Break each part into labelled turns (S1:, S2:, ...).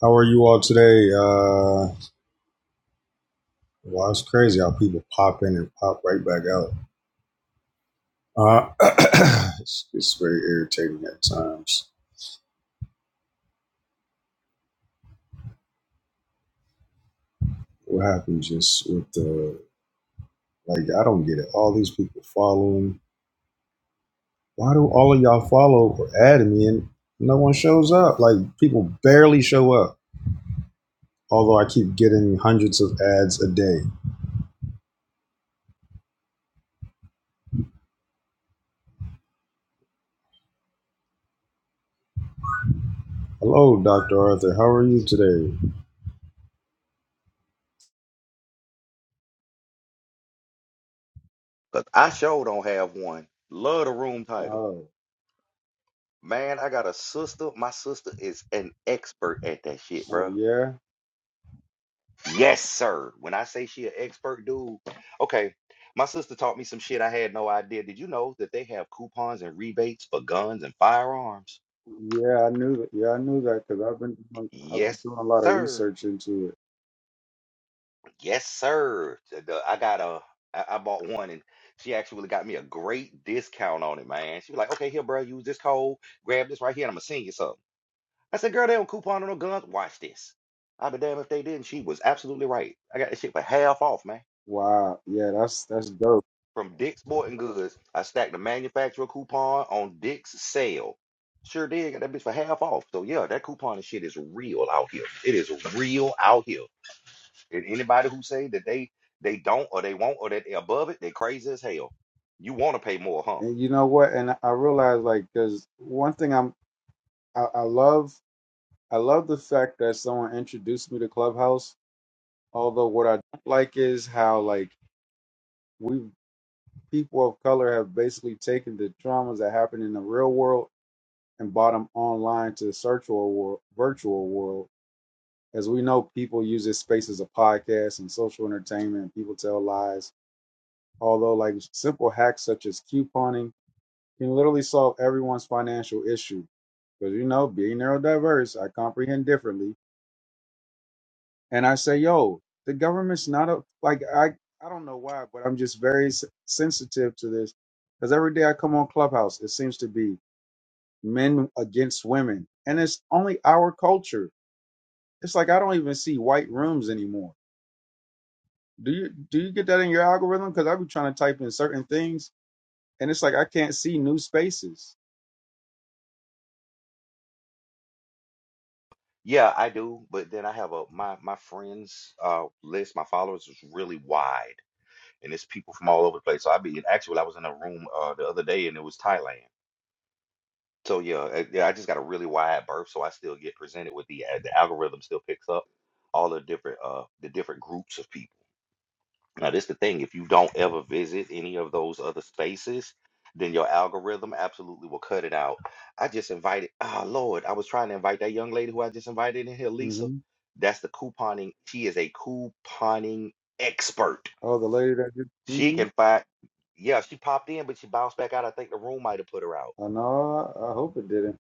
S1: How are you all today? Uh, well, it's crazy how people pop in and pop right back out. Uh, it's, it's very irritating at times. What happens just with the like? I don't get it. All these people following. Why do all of y'all follow or add me and no one shows up? Like people barely show up. Although I keep getting hundreds of ads a day. Hello, Doctor Arthur. How are you today?
S2: Cause I sure don't have one. Love the room title.
S1: Oh,
S2: Man, I got a sister. My sister is an expert at that shit,
S1: oh
S2: bro.
S1: yeah.
S2: Yes, sir. When I say she an expert, dude. Okay, my sister taught me some shit I had no idea. Did you know that they have coupons and rebates for guns and firearms?
S1: Yeah, I knew that. Yeah, I knew that because I've been doing, I've been
S2: Yes,
S1: doing a lot of
S2: sir.
S1: research into it.
S2: Yes, sir. The- the- I got a. I I bought one and she actually got me a great discount on it, man. She was like, okay, here, bro, use this code, grab this right here, and I'm gonna send you something. I said, girl, they don't coupon on no guns. Watch this. I'll be damned if they didn't. She was absolutely right. I got this shit for half off, man.
S1: Wow. Yeah, that's that's dope.
S2: From Dick's Sporting Goods, I stacked the manufacturer coupon on Dick's sale. Sure did. Got that bitch for half off. So yeah, that coupon and shit is real out here. It is real out here. And anybody who say that they they don't or they won't or that they above it, they are crazy as hell. You want to pay more, huh?
S1: And you know what? And I I realized like because one thing I'm I, I love I love the fact that someone introduced me to Clubhouse. Although what I don't like is how like we people of color have basically taken the traumas that happen in the real world and bought them online to the virtual world, virtual world. As we know, people use this space as a podcast and social entertainment. People tell lies. Although, like simple hacks such as couponing can literally solve everyone's financial issue. Because, you know, being neurodiverse, I comprehend differently. And I say, yo, the government's not a, like, I, I don't know why, but I'm just very s- sensitive to this. Because every day I come on Clubhouse, it seems to be men against women. And it's only our culture. It's like I don't even see white rooms anymore Do you do you get that in your algorithm? Because I be trying to type in certain things, and it's like I can't see new spaces.
S2: Yeah, I do. But then I have a my my friends uh list, my followers is really wide and it's people from all over the place. So I be actually I was in a room uh the other day and it was Thailand. So yeah, uh, yeah, I just got a really wide berth, so I still get presented with the uh, the algorithm still picks up all the different uh the different groups of people. Now this the thing, if you don't ever visit any of those other spaces, then your algorithm absolutely will cut it out. I just invited, ah Lord, I was trying to invite that young lady who I just invited in here, Lisa.
S1: hmm
S2: That's the couponing. She is a couponing expert
S1: Oh, the lady that just
S2: she
S1: seen me.
S2: can find, yeah, she popped in, but she bounced back out. I think the room might have put her out.
S1: Oh no, I I hope it didn't.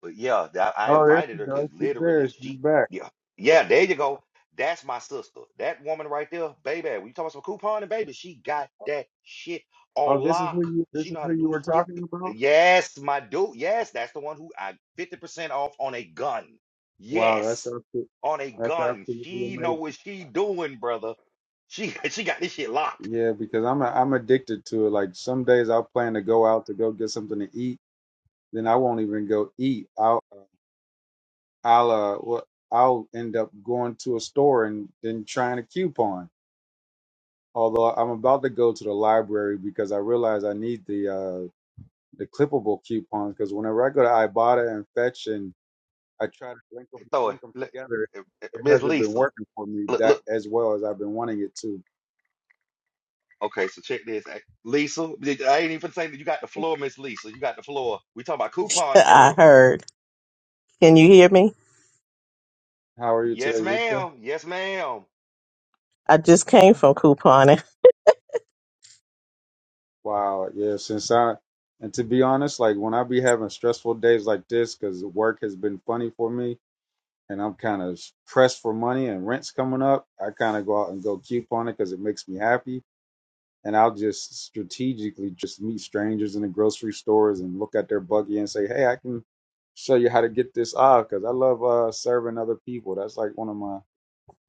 S2: But yeah, that, I
S1: Oh, there she
S2: invited her because
S1: goes. She's there.
S2: literally
S1: She's
S2: she,
S1: back.
S2: yeah, yeah, there you go. That's my sister. That woman right there, baby, we talking about some couponing, baby. She got that shit on
S1: Oh, this is
S2: lock.
S1: who you.
S2: She
S1: This is
S2: know how
S1: who
S2: to
S1: you
S2: do
S1: were
S2: shit.
S1: talking about.
S2: Yes, my dude. Yes, that's the one who I 50% off on a gun.
S1: Wow, that's
S2: Yes,
S1: absolutely,
S2: on a
S1: that's
S2: gun.
S1: absolutely
S2: She know
S1: amazing.
S2: what she doing, brother. She she got this shit locked.
S1: Yeah, because I'm a, I'm addicted to it. Like some days I'll plan to go out to go get something to eat, then I won't even go eat. out. uh, I'll uh, well, I'll end up going to a store and then trying a coupon. Although I'm about to go to the library because I realize I need the uh, the clippable coupons because whenever I go to Ibotta and Fetch and I try to link them
S2: throw
S1: link them
S2: Let-
S1: together, it
S2: Miss
S1: hasn't been
S2: Lisa.
S1: working for me
S2: Look,
S1: that
S2: look.
S1: as well as I've been wanting it to.
S2: Okay, so check this. Hey, Lisa, I ain't even saying that you got the floor, Miss Lisa. You got the floor. We talking about couponing,
S3: I
S2: girl.
S3: heard. Can you hear me?
S1: How are you today,
S2: Yes,
S1: Lisa?
S2: ma'am. Yes, ma'am.
S3: I just came from couponing.
S1: Wow, yeah. Since I and to be honest, like when I be having stressful days like this because work has been funny for me, and I'm kind of pressed for money and rent's coming up, I kind of go out and go coupon it because it makes me happy. And I'll just strategically just meet strangers in the grocery stores and look at their buggy and say, hey, I can show you how to get this off because I love uh, serving other people. That's like one of my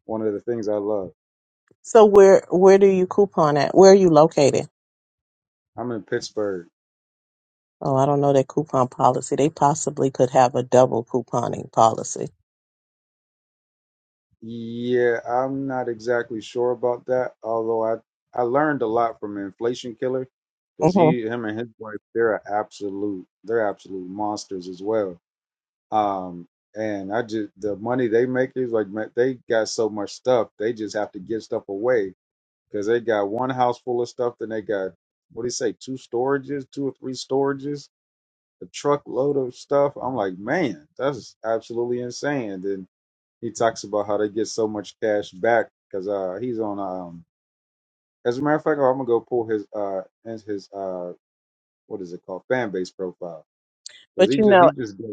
S1: one of the things I love.
S3: So where where do you coupon at? Where are you located?
S1: I'm in Pittsburgh.
S3: Oh, I don't know that coupon policy. They possibly could have a double couponing policy.
S1: Yeah, I'm not exactly sure about that, although I I learned a lot from Inflation Killer because
S3: hmm
S1: he him and his wife they're a absolute they're absolute monsters as well Um, and I just the money they make is like man, they got so much stuff they just have to give stuff away because they got one house full of stuff, then they got what do you say, two storages, two or three storages, a truckload of stuff. I'm like, man, that's absolutely insane. And then he talks about how they get so much cash back because uh, he's on. Um, as a matter of fact, I'm gonna go pull his uh his uh what is it called fan base profile because
S3: But
S1: he
S3: you
S1: just
S3: know,
S1: he just gave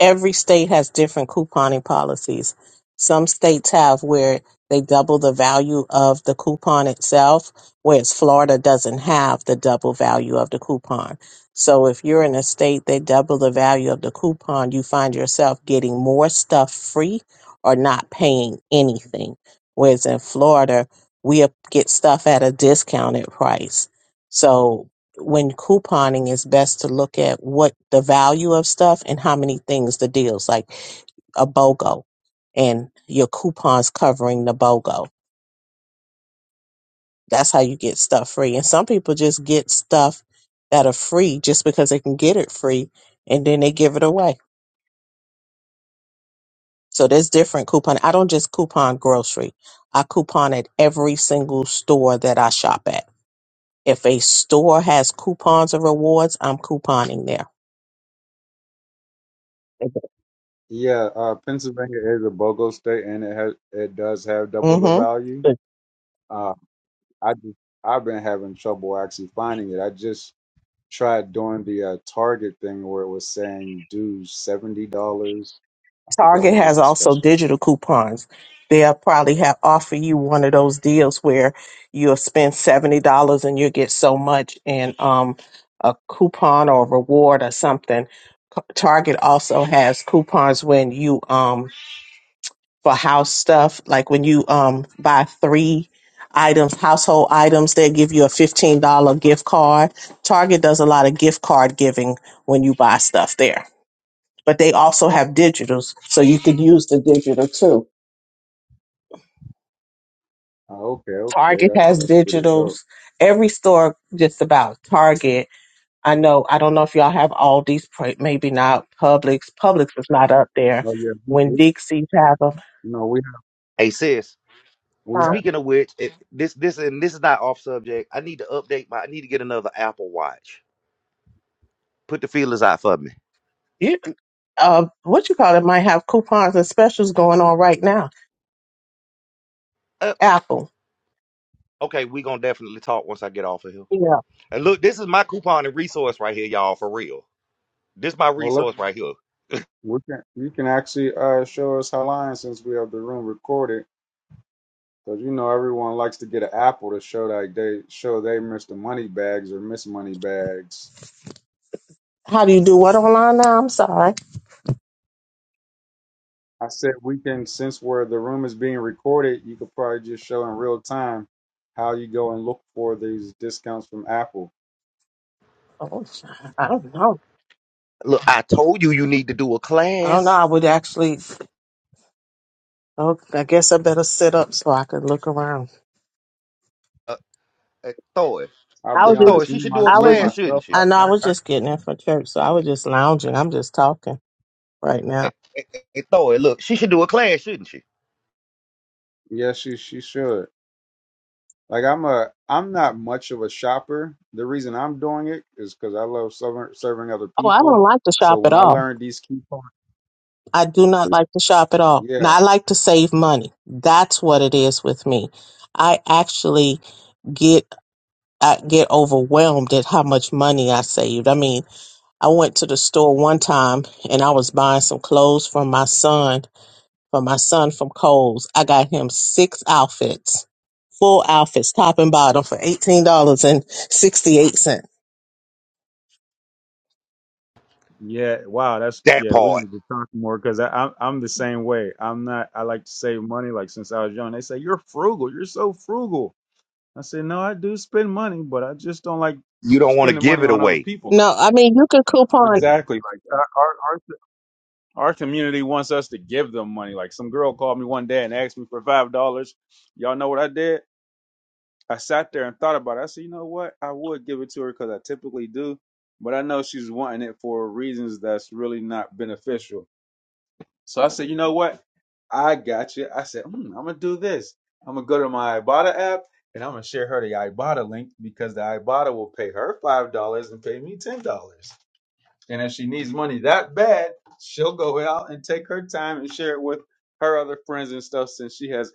S3: every state has different couponing policies. Some states have where they double the value of the coupon itself, whereas Florida doesn't have the double value of the coupon. So if you're in a state they double the value of the coupon, you find yourself getting more stuff free or not paying anything. Whereas in Florida, we get stuff at a discounted price. So when couponing is best to look at what the value of stuff and how many things the deals like a BOGO and your coupons covering the BOGO. That's how you get stuff free. And some people just get stuff that are free just because they can get it free and then they give it away. So there's different coupon. I don't just coupon grocery. I coupon at every single store that I shop at. If a store has coupons or rewards, I'm couponing there.
S1: Yeah, uh, Pennsylvania is a BOGO state, and it has it does have double the
S3: hmm
S1: value. Uh, I just I've been having trouble actually finding it. I just tried doing the uh, Target thing where it was saying do seventy dollars. I forgot
S3: Target
S1: what was
S3: has
S1: the
S3: also
S1: special.
S3: digital coupons. They'll probably have offer you one of those deals where you'll spend seventy dollars and you'll get so much in um, a coupon or reward or something. Co- Target also has coupons when you um for house stuff, like when you um buy three items, household items, they give you a fifteen dollar gift card. Target does a lot of gift card giving when you buy stuff there but they also have digitals, so you could use the digital too.
S1: Oh, okay, okay,
S3: Target
S1: that
S3: has
S1: that's pretty dope.
S3: digitals. Every store just about Target. I know. I don't know if y'all have Aldi's, pr- maybe not Publix. Publix is not up there.
S1: Oh yeah, we,
S3: When
S1: we
S3: Dixie's have them,
S1: you know we have,
S2: Hey, sis.
S1: we
S3: um,
S1: had
S2: Speaking of which, it, this this and this is not off subject. I need to update my. I need to get another Apple Watch. Put the feelers out for me.
S3: you, uh, what you call it, might have coupons and specials going on right now.
S2: Uh,
S3: Apple.
S2: okay, we gonna definitely talk once I get off of here.
S3: Yeah.
S2: And look, this is my coupon and resource right here, y'all. For real, this my
S1: well look,
S2: resource right here.
S1: we can you can actually uh show us how line since we have the room recorded Cause you know everyone likes to get an apple to show like they show they Mr. Moneybags or Miss Moneybags.
S3: How do you do what online now? I'm sorry.
S1: I said we can since where the room is being recorded, you could probably just show in real time how you go and look for these discounts from Apple.
S3: Oh, I don't know.
S2: Look, I told you you need to do a
S3: I don't know.
S2: class.
S3: I would actually. Oh, I guess I better sit up so I can look around.
S2: Hey, Thor.
S1: I'll
S3: I
S1: be
S3: was
S2: Look, Thor,
S3: just,
S1: honest, me
S2: she should
S1: my,
S2: do a
S3: I
S1: me
S3: was,
S2: class, shouldn't
S1: myself,
S2: she?
S1: I,
S3: I know I was
S1: I, I
S3: just getting in from church, so I was just lounging. I'm just talking right now.
S2: Hey, hey, hey, Thor, look, she should do a class, shouldn't she?
S1: yeah, she she should. Like I'm a I'm not much of a shopper. The reason I'm doing it is because I love serving serving other
S3: Oh, I don't
S1: people.
S3: like to
S1: So
S3: shop at
S1: when I
S3: all.
S1: learned these key points,
S3: I do not like to shop at all.
S1: yeah,
S3: Now, I like to save money. That's what it is with me. I actually get I get overwhelmed at how much money I saved. I mean, I went to the store one time and I was buying some clothes for my son, for my son from Kohl's. I got him six outfits, full outfits, top and bottom for $18.68.
S1: Yeah, wow, that's
S2: That
S1: yeah, we
S2: part.
S1: need to talk more because I'm I'm the same way. I'm not I like to save money like since I was young. They say you're frugal, you're so frugal. I said, No, I do spend money, but I just don't like
S2: You don't want to
S1: spending
S2: give
S1: money
S2: it
S1: on other
S2: away.
S1: people.
S3: No, I mean, you can
S1: Like
S3: coupon.
S1: exactly. Like our our our, our community wants us to give them money. Like some girl called me one day and asked me for five dollars. Y'all know what I did? I sat there and thought about it. I said, you know what? I would give it to her because I typically do, but I know she's wanting it for reasons that's really not beneficial. So I said, you know what? I got you. I said, mm, I'm gonna do this. I'm gonna go to my Ibotta app and I'm gonna share her the Ibotta link because the Ibotta will pay her five dollars and pay me ten dollars. And if she needs money that bad, she'll go out and take her time and share it with her other friends and stuff since she has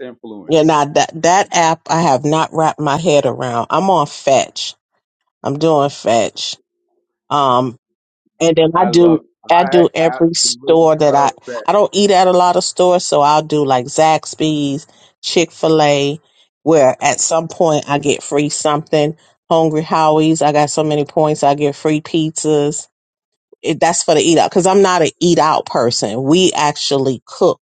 S3: Yeah,
S1: influence.
S3: now that, that app I have not wrapped my head around. I'm on Fetch. I'm doing Fetch. Um. and then I
S1: I
S3: do
S1: love it.
S3: I
S1: I
S3: do every
S1: absolutely
S3: store that I
S1: love that.
S3: I don't eat at a lot of stores, so I'll do like Zaxby's, Chick Fil A, where at some point I get free something. Hungry Howie's, I got so many points, I get free pizzas. It, that's for the eat out because I'm not an eat out person. We actually cook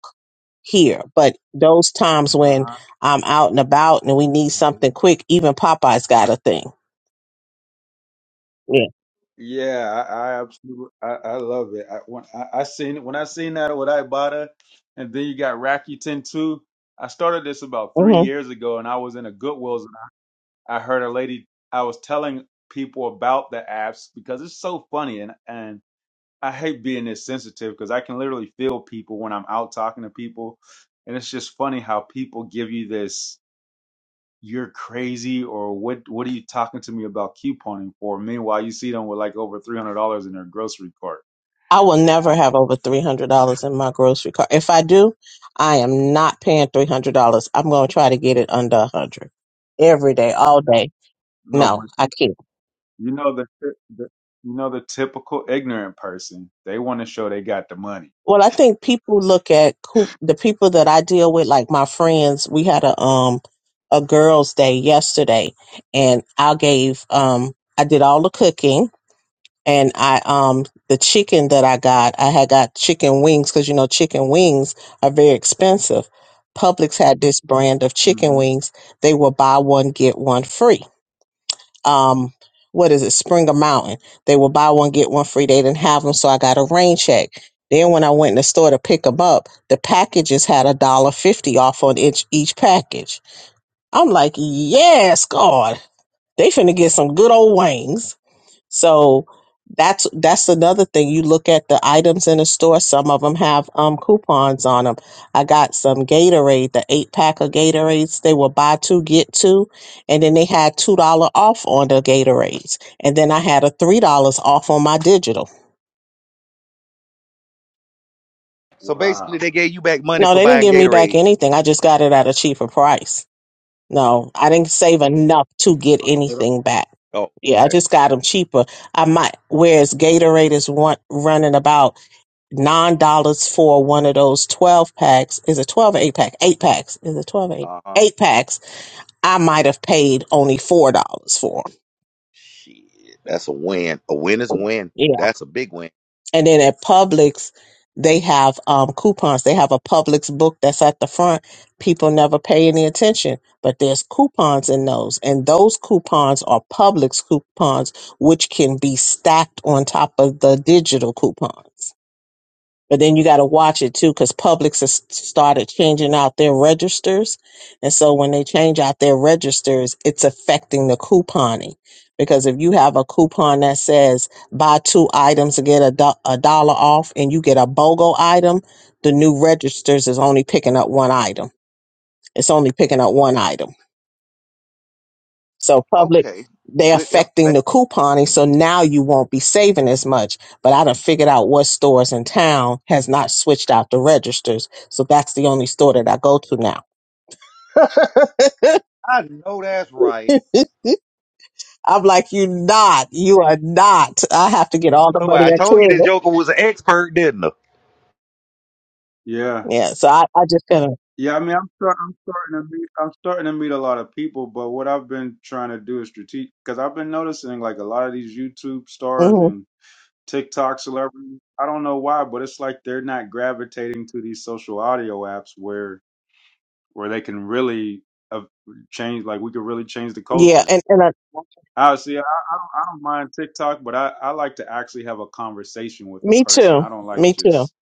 S3: here, but those times
S1: Uh huh.
S3: when I'm out and about and we need something quick, even Popeyes got a thing. Yeah.
S1: Yeah, I, I absolutely, I, I love it. I when I, I seen when I seen that with Ibotta, and then you got Rakuten too. I started this about three years ago, and I was in a Goodwills, and I heard a lady. I was telling people about the apps because it's so funny, and and I hate being this sensitive because I can literally feel people when I'm out talking to people, and it's just funny how people give you this you're crazy or what what are you talking to me about couponing for? Meanwhile, you see them with like over three hundred dollars in their grocery cart.
S3: I will never have over $300 in my grocery cart. If I do, I am not paying $300. I'm going to try to get it under 100 every day, all day.
S1: No,
S3: No,
S1: but
S3: I
S1: you
S3: can't.
S1: you know the, the you know the typical ignorant person. They want to show they got the money.
S3: Well, I think people look at who the people that I deal with, like my friends. We had a um a girls' day yesterday, and I gave um I did all the cooking and I um the chicken that I got, I had got chicken wings because you know chicken wings are very expensive. Publix had this brand of chicken
S1: hmm
S3: wings. They will buy one get one free. Um, what is it? Springer Mountain. They will buy one get one free. They didn't have them, so I got a rain check. Then when I went in the store to pick them up, the packages had a dollar fifty off on each each package. I'm like, yes, God, they finna get some good old wings. So that's that's another thing. You look at the items in the store. Some of them have um coupons on them. I got some Gatorade, the eight pack of Gatorades. They were buy two get two, and then they had two dollar off on the Gatorades, and then I had a three dollars off on my digital.
S2: So basically,
S1: Wow.
S2: they gave you back money
S3: No,
S2: for
S3: they didn't
S2: buying
S3: give me back
S2: Gatorade.
S3: anything. I just got it at a cheaper price. No, I didn't save enough to get
S1: But, uh,
S3: anything back.
S2: Oh,
S3: Yeah, I
S2: okay.
S3: just got them cheaper. I might, whereas Gatorade is one running about. nine dollars for one of those twelve packs. Is it twelve or eight pack? Eight packs. Is it twelve or eight?
S2: Uh huh.
S3: Eight packs. I might have paid only four dollars for. 'em.
S2: Shit. That's a win. A win is a win.
S3: Yeah.
S2: That's a big win.
S3: And then at Publix, they have um, coupons. They have a Publix book that's at the front. People never pay any attention, but there's coupons in those, and those coupons are Publix coupons, which can be stacked on top of the digital coupons. But then you got to watch it too, because Publix has started changing out their registers. And so when they change out their registers, it's affecting the couponing. Because if you have a coupon that says buy two items to get a, do- a dollar off and you get a BOGO item, the new registers is only picking up one item. It's only picking up one item. So public,
S2: Okay.
S3: they're
S2: Good
S3: affecting
S2: information.
S3: the couponing. So now you won't be saving as much. But I done figured out what stores in town has not switched out the registers. So that's the only store that I go to now.
S2: I know that's right.
S3: I'm like, you not, you
S2: Hey,
S3: are not. I have to get
S2: look,
S3: all the
S2: Thor,
S3: money
S2: I
S3: I
S2: told you
S3: can.
S2: this Joker was an expert, didn't I?
S1: Yeah.
S3: Yeah. So I, I just kind of,
S1: Yeah, I mean, I'm start, I'm starting to meet I'm starting to meet a lot of people, but what I've been trying to do is strategic because I've been noticing like a lot of these YouTube stars
S3: hmm
S1: and TikTok celebrities. I don't know why, but it's like they're not gravitating to these social audio apps where where they can really uh, change. Like we could really change the
S3: yeah.
S1: culture.
S3: And, and I,
S1: I see. I, I, don't, I don't mind TikTok, but I, I like to actually have a conversation with the
S3: me
S1: person.
S3: too.
S1: I don't like
S3: Me too.
S1: just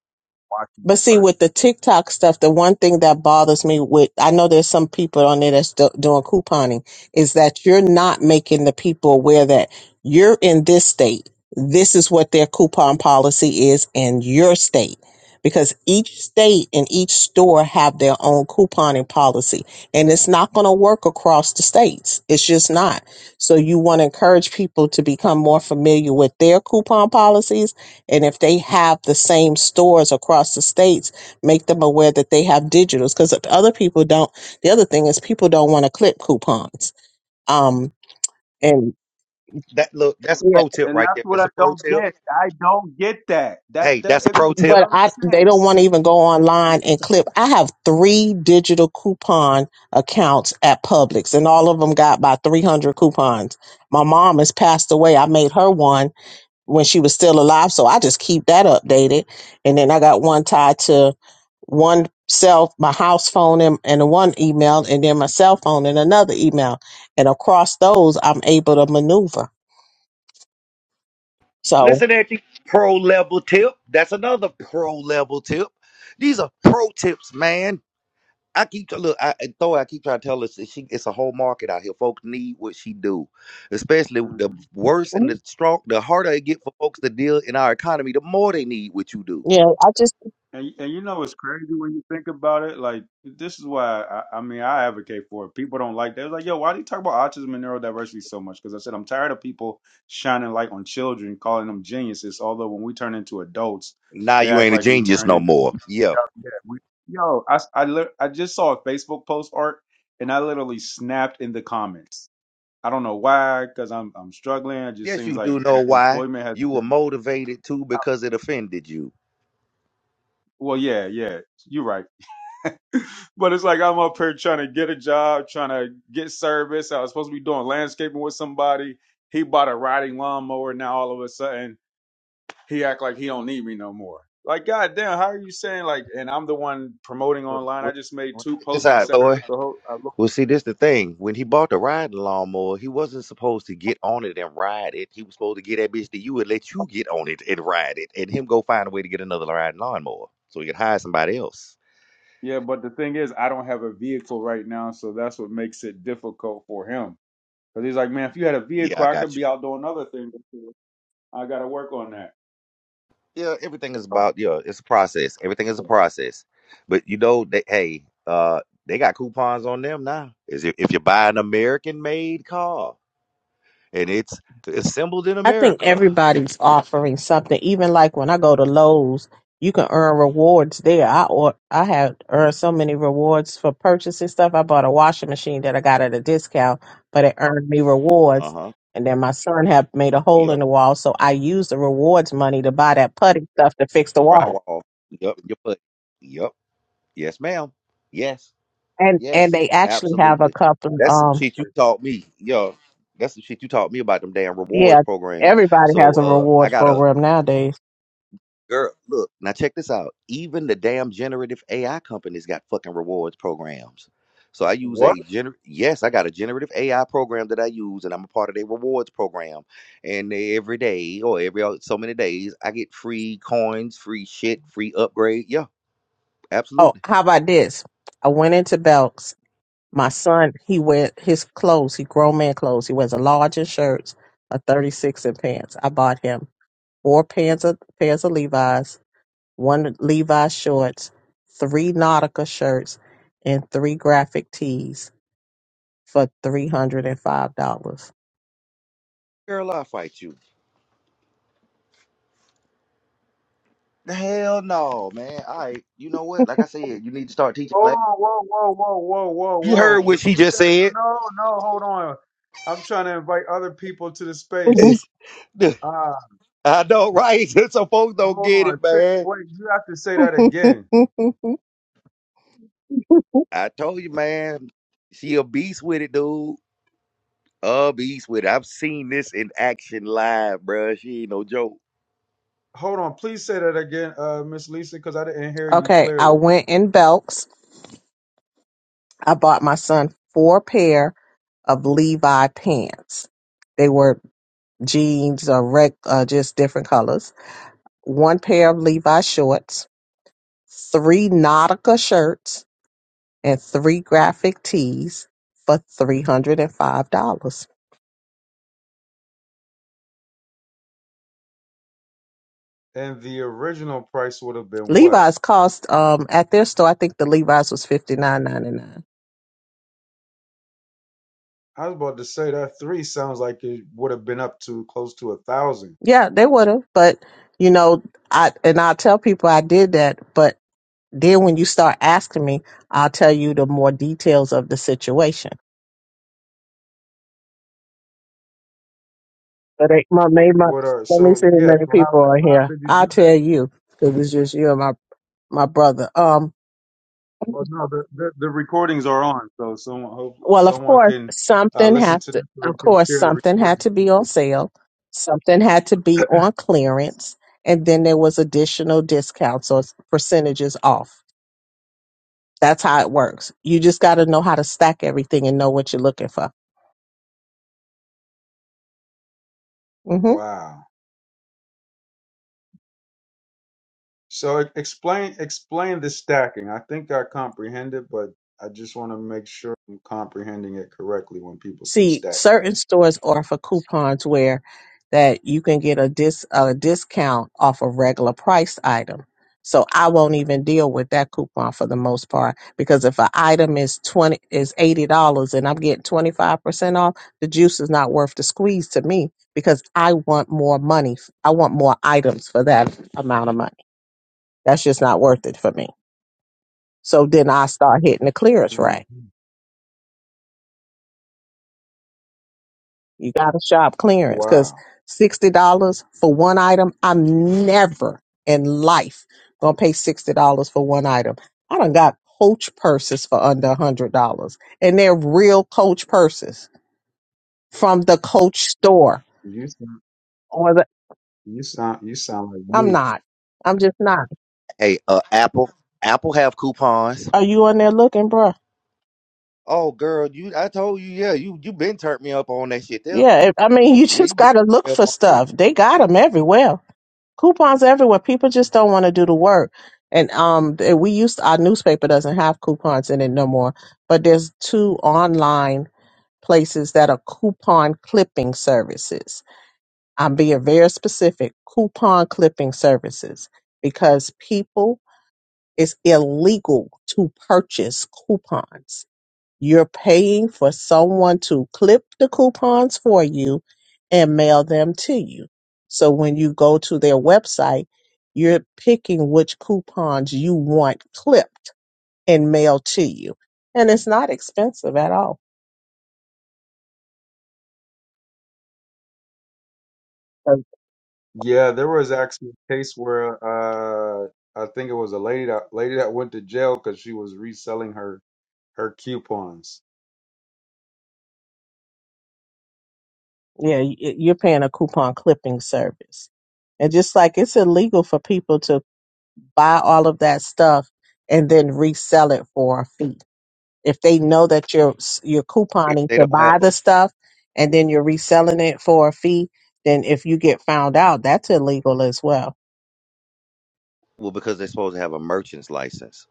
S1: watching
S3: But
S1: the
S3: see, with the
S1: person.
S3: TikTok stuff, the one thing that bothers me with, I know there's some people on there that's do- doing couponing, is that you're not making the people aware that you're in this state. This is what their coupon policy is in your state. Because each state and each store have their own couponing policy. And it's not going to work across the states. It's just not. So you want to encourage people to become more familiar with their coupon policies and if they have the same stores across the states, make them aware that they have digitals because other people don't. The other thing is people don't want to clip coupons. Um, and
S2: That look, that's a
S3: yeah,
S2: pro tip
S1: And
S2: right
S1: that's
S2: there.
S1: what
S2: That's
S1: I
S2: a pro
S1: don't
S2: tip.
S1: get. I don't get that. That,
S2: Hey,
S1: that
S2: that's a
S1: it
S2: pro
S1: makes
S2: tip.
S3: but
S1: no
S3: I they don't want
S1: sense.
S3: to even go online and clip. I have three digital coupon accounts at Publix, and all of them got about three hundred coupons. My mom has passed away. I made her one when she was still alive. So I just keep that updated. And then I got one tied to one cell, my house phone and, and one email, and then my cell phone and another email. And across those, I'm able to maneuver. So,
S2: Listen at you. Pro level tip. That's another pro level tip. These are pro tips, man. I keep look. I and though I keep trying to tell us that she, it's a whole market out here. Folks need what she do, especially the
S1: Mm-hmm.
S2: worse and
S3: mhm,
S2: the strong. The harder it get for folks to deal in our economy, the more they need what you do.
S3: yeah, I just,
S1: And, and you know it's crazy when you think about it. Like this is why I, I mean I advocate for it. People don't like that. It's like, yo, why do you talk about autism and neurodiversity so much? Because I said I'm tired of people shining light on children, calling them geniuses. Although when we turn into adults,
S2: Now
S1: they
S2: you
S1: act
S2: ain't a
S1: like we
S2: genius
S1: turn
S2: no
S1: in. Yeah,
S2: more. Yeah.
S1: yeah, we, yo, I s- I, lit- I just saw a Facebook post art, and I literally snapped in the comments. I don't know why, because I'm I'm struggling. It just
S2: Yes,
S1: seems
S2: you
S1: like
S2: do know why.
S1: employment has
S2: You were
S1: been.
S2: motivated too because it offended you.
S1: Well, yeah, yeah, you're right. But it's like I'm up here trying to get a job, trying to get service. I was supposed to be doing landscaping with somebody. He bought a riding lawnmower. Now all of a sudden he act like he don't need me no more. Like goddamn, how are you saying like? And I'm the one promoting
S2: What?
S1: online. I
S2: What?
S1: just made
S2: well,
S1: two
S2: check this
S1: posts,
S2: out,
S1: etc.
S2: Thor.
S1: So ho- I look,
S2: Well, see, this the thing. When he bought the riding lawnmower, he wasn't supposed to get on it and ride it. He was supposed to get that bitch to you and let you get on it and ride it, and him go find a way to get another riding lawnmower so he could hire somebody else.
S1: yeah, but the thing is, I don't have a vehicle right now, so that's what makes it difficult for him. Because he's like, man, if you had a
S2: Yeah,
S1: vehicle,
S2: I
S1: I could
S2: got you.
S1: be out doing other things. I got to work on that.
S2: Yeah, everything is about yeah, it's a process. Everything is a process. But you know, they hey, uh, they got coupons on them now. Is if if you buy an American-made car and it's assembled in
S3: I think
S2: America,
S3: everybody's offering something. Even like when I go to Lowe's, you can earn rewards there. I or I have earned so many rewards for purchasing stuff. I bought a washing machine that I got at a discount, but it earned me
S2: Uh
S3: rewards.
S2: huh.
S3: And then my son had made a hole in
S2: Yep.
S3: the wall, so I used the rewards money to buy that putty stuff to fix the wall.
S2: Drywall. Yep. Your foot. Yep. Yes, ma'am. Yes.
S3: And and
S2: Yes.
S3: they actually have a
S2: Absolutely.
S3: couple.
S2: That's some
S3: Um,
S2: shit you taught me. Yo, that's some shit you taught me about them damn rewards
S3: yeah,
S2: program.
S3: everybody has
S2: So
S3: a
S2: uh I
S3: rewards
S2: got a
S3: program nowadays.
S2: Girl, look, now check this out. Even the damn generative AI companies got fucking rewards programs. So I use
S1: What?
S2: a gener yes, I got a generative AI program that I use and I'm a part of their rewards program. And they- every day or every o- so many days, I get free coins, free shit, free upgrade. Yeah,
S3: Oh,
S2: absolutely.
S3: how about this? I went into Belk's My son, he wear his clothes, he grown man clothes. He wears a large in shirts, a 36 in pants. I bought him four pairs of pairs of Levi's, one Levi's shorts, three Nautica shirts, and three graphic tees for three hundred and five dollars.
S2: Girl, I'll fight you. The hell no, man. All right. You know what? Like I said, you need to start teaching
S1: Hold
S2: class.
S1: on, whoa, whoa, whoa, whoa, whoa,
S2: You heard
S1: whoa.
S2: what she
S1: Repeat
S2: just
S1: that.
S2: said.
S1: No, no, hold on. I'm trying to invite other people to the space. Uh,
S2: I know, right? so folks don't
S1: hold
S2: get
S1: on.
S2: it,
S1: Say-
S2: man.
S1: Wait, you have to say that again.
S2: I told you, man. She a beast with it, dude. A beast with it. I've seen this in action live, bruh. She ain't no joke.
S1: Hold on. Please say that again, uh, Miss Lisa, because I didn't hear you
S3: okay, I
S1: clearly.
S3: went in Belks. I bought my son four pair of Levi pants. They were jeans or rec, uh, just different colors one pair of Levi shorts, three Nautica shirts, and three graphic tees for three hundred and five dollars.
S1: And the original price would have been what?
S3: Levi's cost um at their store, I think the Levi's was fifty nine ninety nine.
S1: I was about to say that three sounds like it would have been up to close to a thousand.
S3: Yeah, they would have, but you know, I and I tell people I did that, but then when you start asking me, I'll tell you the more details of the situation. But ain't my, may my,
S1: What are
S3: let me
S1: so?
S3: see how
S1: Yeah.
S3: many
S1: So how
S3: people are
S1: so how
S3: here.
S1: did you do
S3: I'll
S1: that?
S3: tell you because it's just you and my my brother. Um,
S1: Well, no, the, the, the recordings are on, so someone hope
S3: Well, of
S1: someone
S3: course,
S1: can uh,
S3: something
S1: listen
S3: has
S1: to this,
S3: to,
S1: or
S3: of
S1: you can
S3: course,
S1: share the
S3: something had
S1: recording.
S3: to be
S1: with
S3: on
S1: people.
S3: sale. Something had to be on clearance. And then there was additional discounts or percentages off. That's how it works. You just got to know how to stack everything and know what you're looking for. hmm
S1: Wow. So e- explain explain the stacking. I think I comprehend it, but I just want to make sure I'm comprehending it correctly when people say
S3: see
S1: stacking.
S3: certain stores offer coupons where that you can get a dis a discount off a regular price item. So I won't even deal with that coupon for the most part because if an item is twenty is eighty dollars and I'm getting twenty five percent off, the juice is not worth the squeeze to me because I want more money. I want more items for that amount of money. That's just not worth it for me. So then I start hitting the clearance rack.
S1: hmm
S3: You got to shop clearance because
S1: Wow.
S3: sixty dollars for one item. I'm never in life gonna pay sixty dollars for one item. I done got Coach purses for under a hundred dollars, and they're real Coach purses from the Coach store.
S1: You sound
S3: Or the,
S1: you sound you sound like
S3: I'm
S1: me.
S3: not. I'm just not.
S2: Hey, uh, Apple, Apple have coupons.
S3: Are you on there looking, bruh?
S2: Oh, girl, you. I told you, yeah. You you been turned me up on that shit there.
S3: Yeah, I I mean, you
S2: Yeah, you
S3: just
S2: been
S3: gotta
S2: turned
S3: look
S2: me up
S3: for
S2: on that.
S3: stuff. They got them everywhere. coupons everywhere. People just don't want to do the work. And um, th- we used our newspaper doesn't have coupons in it no more. But there's two online places that are coupon clipping services. I'm being very specific. Coupon clipping services because people it's illegal to purchase coupons. You're paying for someone to clip the coupons for you and mail them to you. So when you go to their website, you're picking which coupons you want clipped and mailed to you. And it's not expensive at all. So
S1: Yeah, there was actually a case where uh, I think it was a lady that lady that went to jail because she was reselling her her coupons
S3: Yeah, y- y- you're paying a coupon clipping service. And just like it's illegal for people to buy all of that stuff and then resell it for a fee. If they know that you're s- you're
S2: If
S3: couponing
S2: they
S3: to
S2: don't
S3: buy
S2: have a,
S3: the stuff and then you're reselling it for a fee, then if you get found out, that's illegal as well.
S2: well, because they're supposed to have a merchant's license.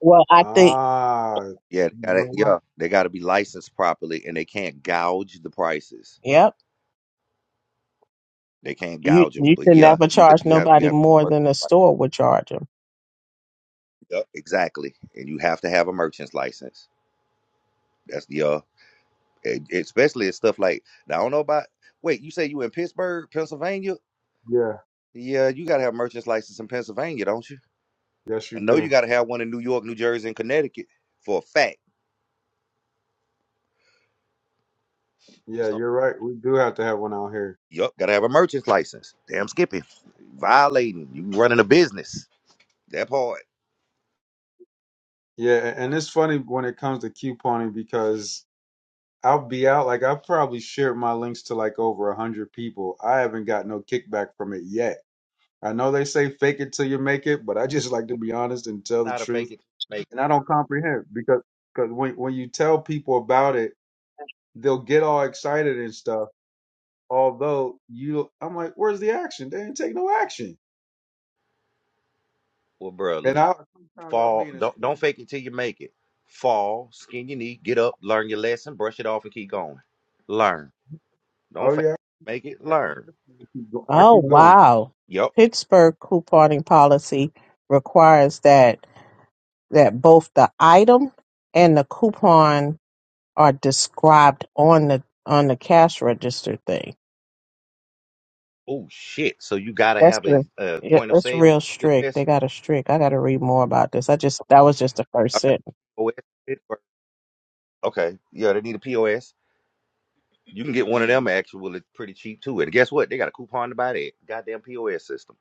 S3: Well, I think
S1: Ah,
S2: Yeah, they
S1: you
S2: gotta,
S1: know what?
S2: yeah, They got to be licensed properly, and they can't gouge the prices.
S3: yep,
S2: They can't
S3: you
S2: gouge them.
S3: you
S2: But
S3: can
S2: yeah,
S3: never
S2: you could,
S3: charge
S2: you have, you
S3: nobody more than a
S2: have.
S3: store would charge them.
S2: Yep, exactly. And you have to have a merchant's license. That's the uh, e- especially it's stuff like now, I don't know about. Wait, you say you in Pittsburgh, Pennsylvania?
S1: Yeah,
S2: Yeah, you gotta have a merchant's license in Pennsylvania, don't you?
S1: yes, you
S2: I know you
S1: do.
S2: gotta have one in New York, New Jersey, and Connecticut for a fact.
S1: Yeah,
S2: So,
S1: you're right. We do have to have one out here.
S2: yep, gotta have a merchant's license. Damn, skipping, violating, you running a business. That part.
S1: Yeah, a- and it's funny when it comes to couponing because I'll be out, like, I've probably shared my links to like over a 100 people. I haven't got no kickback from it yet. I know they say fake it till you make it, but I just like to
S2: Well,
S1: be honest and tell
S2: it's
S1: the
S2: not a fake
S1: truth.
S2: it, till you make. it.
S1: And I don't comprehend because because when, when you tell people about it, they'll get all excited and stuff. Although you, I'm like, where's the action? They didn't take no action
S2: Well, bro.
S1: And I sometimes I'll
S2: fall.
S1: be in a
S2: Don't
S1: state.
S2: don't fake it till you make it. Fall, skin your knee, get up, learn your lesson, brush it off, and keep going. Learn. Don't
S1: Oh
S2: fake.
S1: yeah,
S2: it, Make it.
S1: I keep
S2: Learn.
S1: listening. I keep, go, I
S3: Oh
S1: keep going.
S3: wow.
S2: Yup.
S3: Pittsburgh couponing policy requires that that both the item and the coupon are described on the on the cash register thing.
S2: Oh shit. So you gotta
S3: That's
S2: have
S3: true.
S2: a, a
S3: Yeah,
S2: point of
S3: it's real
S2: sale
S3: strict. They
S2: POS.
S3: got a strict. I got to read more about this. I just that was just the first
S2: I got
S3: sentence.
S2: POS. Okay. Yeah, they need a POS. You can get one of them actually pretty cheap too. And guess what? They got a coupon to buy that goddamn POS system.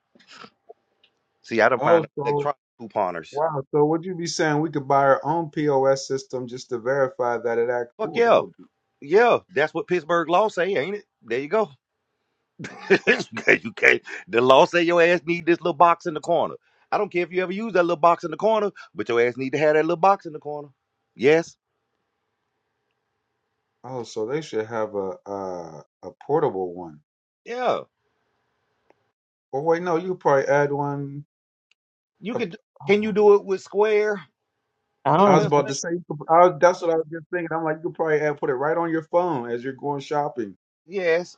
S2: See, I don't find
S1: Oh, so
S2: electronic couponers.
S1: wow. So would you be saying we could buy our own POS system just to verify that it act?
S2: Fuck
S1: Ooh, that
S2: yeah.
S1: would be.
S2: Yeah, that's what Pittsburgh law say, ain't it? There you go. you can't. The law say your ass need this little box in the corner. I don't care if you ever use that little box in the corner, but your ass need to have that little box in the corner. Yes.
S1: Oh, so they should have a a, a portable one.
S2: Yeah.
S1: Oh wait, no, you could probably add one.
S2: You
S1: up-
S2: could. Can you
S1: oh.
S2: do it with Square
S3: I
S2: in
S1: I was
S3: don't.
S1: about
S2: Pennsylvania?
S1: to say, you could- I, was- that's what I was just thinking. I'm like, you could probably add, put it right on your phone as you're going shopping.
S2: Yes.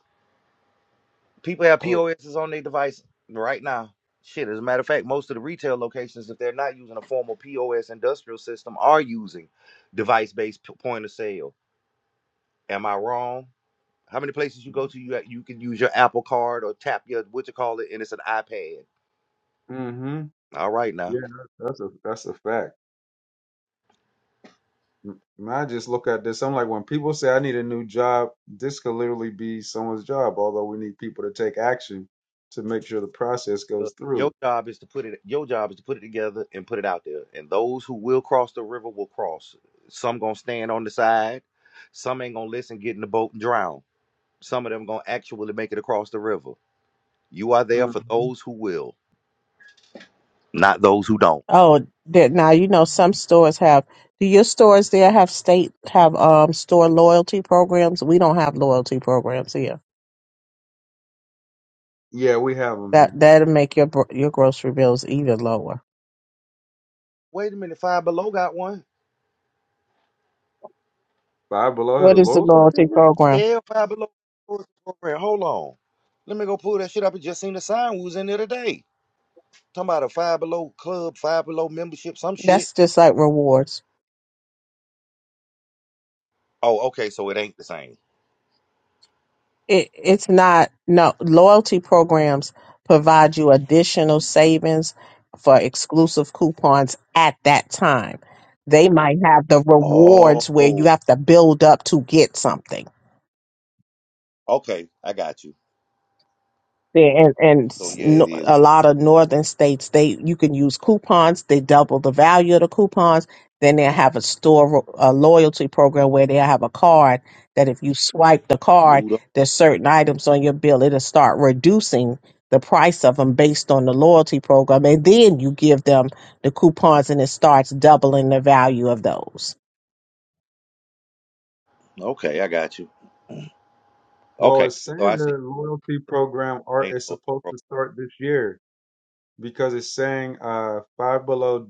S2: People have
S1: Oh,
S2: POSs on their device right now. Shit. As a matter of fact, most of the retail locations, if they're not using a formal POS industrial system, are using device-based p- point of sale. Am I wrong? How many places you go to, you you can use your Apple Card or tap your what you call it, and it's an iPad
S1: mm-hmm.
S2: All right now.
S1: Yeah, that's a that's a fact. M- I just look at this. I'm like, when people say I need a new job, this could literally be someone's job. Although we need people to take action to make sure the process
S2: Uh,
S1: goes
S2: Your
S1: through.
S2: job is to put it your job is to put it together and put it out there. And those who will cross the river will cross. Some gonna stand on the side, some ain't gonna listen, get in the boat and drown. Some of them gonna actually make it across the river. You are there
S1: hmm
S2: for those who will, not those who don't.
S3: Oh, that now you know some stores have. Do your stores there have state have um store loyalty programs? We don't have loyalty programs here.
S1: Yeah, we have them
S3: That
S1: here.
S3: that'll make your bro- your grocery bills even lower.
S2: Wait a minute, five below got one.
S1: Five Below has a
S3: What is the
S1: loyalty
S3: loyalty
S1: program.
S3: program?
S2: Yeah, five below program. Hold on. Let me go pull that shit up. I just seen the sign we was in there today. Talking about a five below club, five below membership, some shit.
S3: That's just like rewards.
S2: Oh, okay, so it ain't the same.
S3: it, it's not no loyalty programs provide you additional savings for exclusive coupons at that time they might have the
S2: Oh,
S3: rewards where you have to build up to get something
S2: okay. I got you.
S3: Yeah, and and
S2: So
S3: s-
S2: yeah,
S3: no,
S2: it is
S3: a lot of northern states they you can use coupons they double the value of the coupons then they have a store a loyalty program where they have a card that if you swipe the card
S2: mood
S3: there's certain items on your bill it'll start reducing the price of them based on the loyalty program and then you give them the coupons and it starts doubling the value of those
S2: Okay, I got you.
S1: Well,
S2: Okay,
S1: it's
S2: so
S1: saying
S2: I see.
S1: the loyalty program art
S2: Ain't
S1: is
S2: no-
S1: supposed to start this year because it's saying uh, Five Below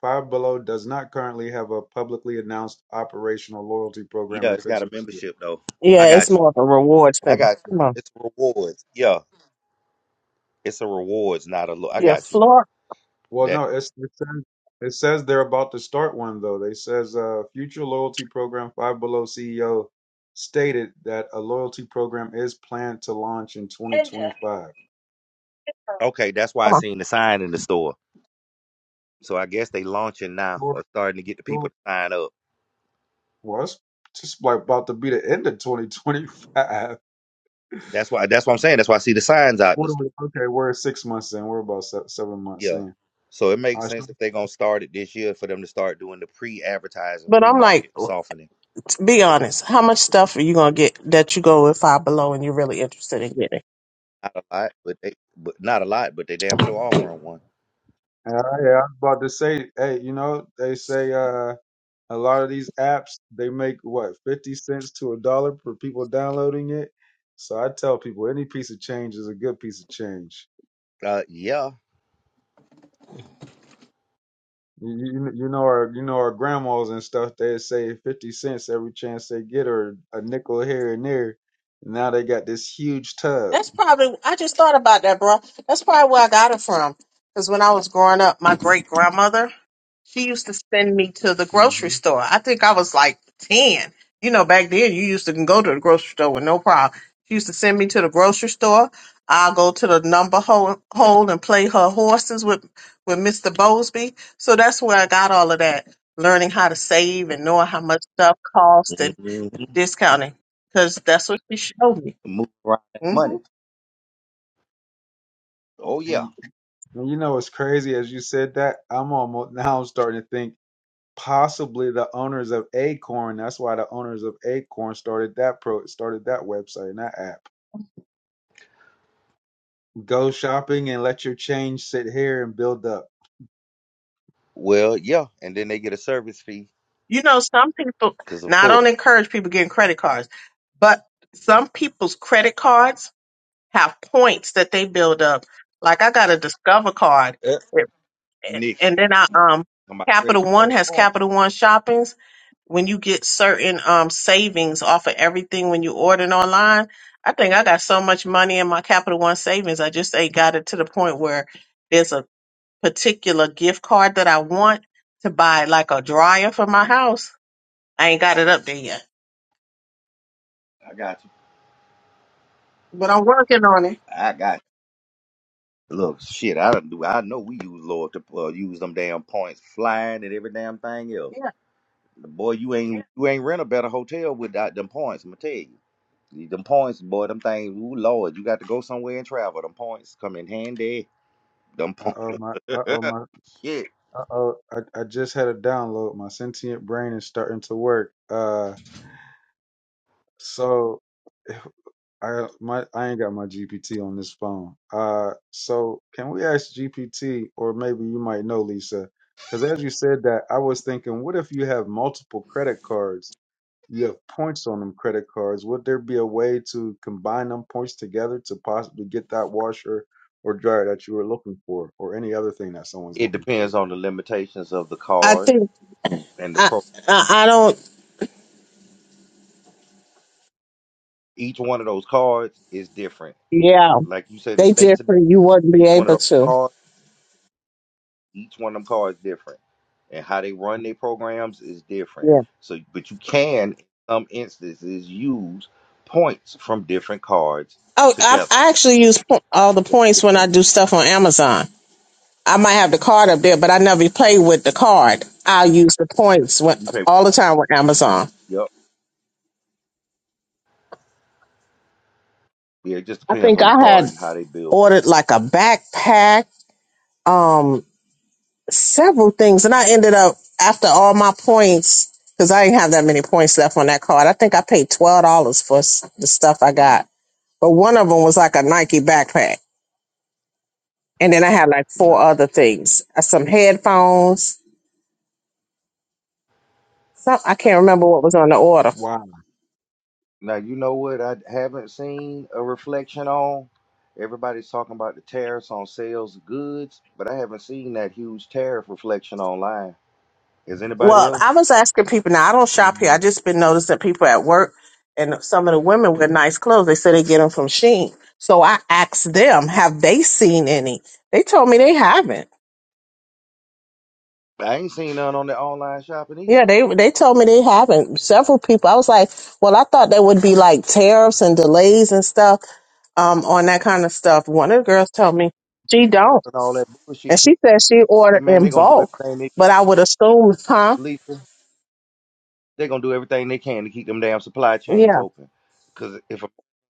S1: Five Below does not currently have a publicly announced operational loyalty program
S2: Yeah,
S1: in
S2: it's got a
S1: Pennsylvania.
S2: membership though. I
S3: yeah it's
S2: got you.
S3: more of a rewards
S2: I
S3: thing
S2: got you.
S3: come on
S2: It's rewards. Yeah, it's a rewards, not a look. I
S3: yeah
S2: got you.
S3: florida
S1: Well,
S2: That
S1: no, it's, it says it says they're about to start one though. They says uh, future loyalty program Five Below CEO stated that a loyalty program is planned to launch in 2025.
S2: okay? That's why
S3: come
S2: I
S3: on
S2: seen the sign in the store. So I guess they launching now
S1: Sure,
S2: or starting to get the people
S1: sure.
S2: to sign up.
S1: Well, it's just like about to be the end of 2025.
S2: That's why. That's what I'm saying. That's why I see the signs out in the
S1: What are
S2: store.
S1: we? Okay, we're six months in. We're about se- seven months
S2: Yeah.
S1: in.
S2: So it
S1: I
S2: makes
S1: was-
S2: sense if they're gonna start it this year for them to start doing the pre-advertising,
S3: but i'm like
S2: pre-market softening.
S3: Be honest. How much stuff are you gonna get that you go with five below and you're really interested in getting?
S2: Not a lot, but they, but not a lot, but they damn sure offering one.
S1: yeah, yeah, I was about to say, hey, you know, they say. uh A lot of these apps, they make what, 50 cents to a dollar per people downloading it. So I tell people any piece of change is a good piece of change.
S2: Uh, yeah.
S1: You, you, you know our you know our grandmas and stuff they say 50 cents every chance they get or a nickel here and there. Now they got this huge tub.
S3: That's probably, I just thought about that, bro. That's probably where I got it from. Because when I was growing up, my great grandmother, she used to send me to the grocery
S1: hmm
S3: store. I think I was like 10. You know, back then you used to go to the grocery store with no problem. She used to send me to the grocery store. I'll go to the number hole, hole and play her horses with, with Mr. Bosby. So that's where I got all of that, learning how to save and knowing how much stuff cost
S2: hmm
S3: and discounting. Because that's what she showed me.
S2: Move around that
S3: Mm-hmm.
S2: money. Oh
S1: And,
S2: yeah.
S1: you, and you know what's crazy as you said that I'm almost now I'm starting to think possibly the owners of Acorn. That's why the owners of Acorn started that pro started that website and that app Go shopping and let your change sit here and build up.
S2: Well, yeah, and then they get a service fee
S3: You know, some people,
S2: because, of
S3: now I don't
S2: course,
S3: encourage people getting credit cards, but some people's credit cards have points that they build up. Like I got a Discover card,
S2: uh,
S3: it- and
S2: Nick,
S3: and then I, um,
S2: on my credit
S3: Capital One
S2: card.
S3: has
S2: reform.
S3: Capital One shoppings. When you get certain um savings off of everything when you order it online, I think I got so much money in my Capital One savings. I just ain't got it to the point where there's a particular gift card that I want to buy, like a dryer for my house I ain't got it up there yet,
S2: I got you.
S3: but I'm working on it.
S2: I got you. Look, shit, I don't do. I know we use Lord to uh, use them damn points flying and every damn thing else.
S3: Yeah,
S2: Boy, you ain't you ain't rent a better hotel without them points. I'm gonna tell you. Them points, boy, them things. Ooh, Lord, you got to go somewhere and travel. Them points come in handy. Them
S1: Uh
S2: points.
S1: oh my uh oh my
S2: Shit.
S1: uh oh I, I just had a download. My sentient brain is starting to work. Uh so I my I ain't got my GPT on this phone. Uh so can we ask GPT or maybe you might know Lisa? Cause as you said that, I was thinking, what if you have multiple credit cards? you have points on them credit cards. Would there be a way to combine them points together to possibly get that washer or dryer that you were looking for, or any other thing that someone's
S2: It
S1: looking for?
S2: depends on the limitations of the
S3: I
S2: card
S3: think
S2: and the
S3: I
S2: pro.
S3: I, I don't.
S2: Each one of those cards is different.
S3: Yeah,
S2: Like you say, the
S3: they
S2: states are different.
S3: different. You wouldn't be
S2: Each one of
S3: able
S2: those
S3: to.
S2: cards, each one of them cards different, and how they run their programs is different.
S3: Yeah.
S2: So, but you can, in some instances, use points from different cards
S3: Oh, I,
S2: together.
S3: I actually use po- all the
S2: It
S3: points when I
S2: depends.
S3: do stuff on Amazon. I might have the card up there, but I never play with the card. I use the points when,
S2: You pay.
S3: all the time with Amazon.
S2: Yep. Yeah, it just
S3: I
S2: depends
S3: think
S2: on the
S3: I
S2: card
S3: had
S2: and how they build points.
S3: ordered like a backpack. Um, several things, and I ended up after all my points because I didn't have that many points left on that card. I think I paid twelve dollars for s- the stuff I got, but one of them was like a Nike backpack, and then I had like
S2: Nice.
S3: four other things, uh, some headphones. Some, I can't remember what was on the order.
S1: Wow,
S2: Now you know what I haven't seen a reflection on. Everybody's talking about the tariffs on sales of goods, but I haven't seen that huge tariff reflection online. Is anybody
S3: Well, I
S2: else?
S3: was asking people. Now I don't shop here. I
S1: Mhm.
S3: just been noticing people at work and some of the women with nice clothes. They say they get them from Sheen. So I asked them, have they seen any? They told me they haven't.
S2: I ain't seen none on the online shopping either.
S3: Yeah, they they told me they haven't. Several people. I was like, well, I thought there would be like tariffs and delays and stuff um, on that kind of stuff. One of the girls told me she don't,
S2: Selling all that
S3: and
S2: bullshit to
S3: she said she
S2: that
S3: ordered
S2: man,
S3: in
S2: they're gonna do
S3: bulk.
S2: everything they
S3: But I would assume, huh?
S2: lethal. They're gonna do everything they can to keep them damn supply chains
S3: Yeah.
S2: open. Cause if a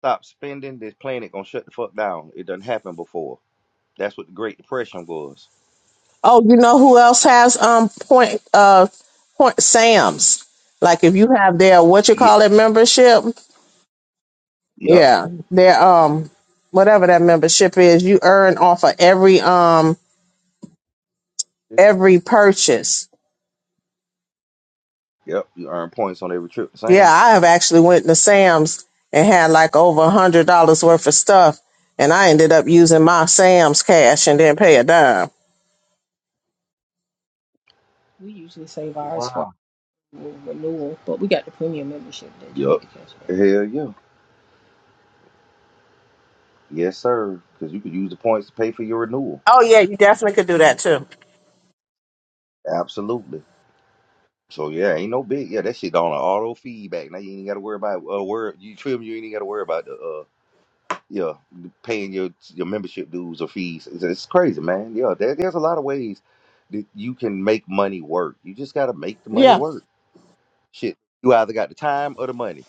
S2: stop spending, this planet gonna shut the fuck down. It done happened before. That's what the Great Depression was.
S3: Oh, you know who else has um point uh point Sam's? Like if you have their what you
S2: Yeah.
S3: call it membership,
S2: Yep.
S3: yeah, their um whatever that membership is, you earn off of every um
S2: It's,
S3: every purchase.
S2: yep. You earn points on every trip to
S3: Yeah,
S2: Sam.
S3: I have actually went to Sam's and had like over a hundred dollars worth of stuff, and I ended up using my Sam's cash and didn't pay a dime.
S2: We usually save ours
S1: wow.
S2: for renewal, but we got the premium membership that you Yup. get the cash back. Hell yeah. Yes, sir. Because you could use the points to pay for your renewal.
S3: Oh yeah, you definitely could do that too.
S2: Absolutely. So yeah, ain't no big. Yeah, that shit on an auto feedback. Now you ain't got to worry about uh, where you trim. You ain't got to worry about the uh yeah paying your your membership dues or fees. It's, it's crazy, man. Yeah, there, there's a lot of ways that you can make money work. You just got to make the money
S3: Yeah,
S2: work. Shit, you either got the time or the money.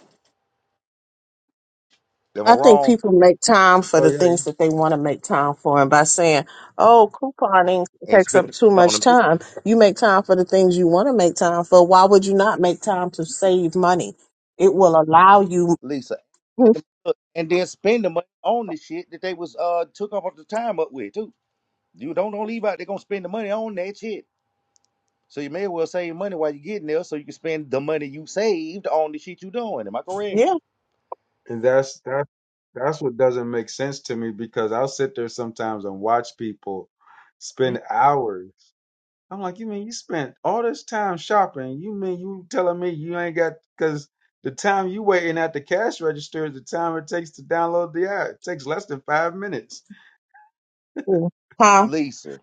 S2: Am I
S3: I think
S2: wrong?
S3: people make time for
S1: Oh
S3: the
S1: yeah, you,
S3: things that they want to make time for, and by saying, "Oh, couponing
S2: And
S3: takes
S2: spend
S3: up
S2: the
S3: too
S2: money on
S3: much
S2: them.
S3: time," you make time for the things you want to make time for. Why would you not make time to save money? It will allow you
S2: Lisa,
S3: Mhm.
S2: and the- and then spend the money on the shit that they was uh took up the time up with too. You don't don't leave out. They're gonna spend the money on that shit. So you may as well save money while you're getting there, so you can spend the money you saved on the shit you doing. Am I correct?
S3: Yeah.
S1: and that's that's that's what doesn't make sense to me because I'll sit there sometimes and watch people
S2: You,
S1: spend hours. I'm like, you mean you spent all this time shopping? You mean you telling me you ain't got because the time you waiting at the cash register is the time it takes to download the app. It takes less than five minutes.
S3: Mm. Huh?
S2: Lisa,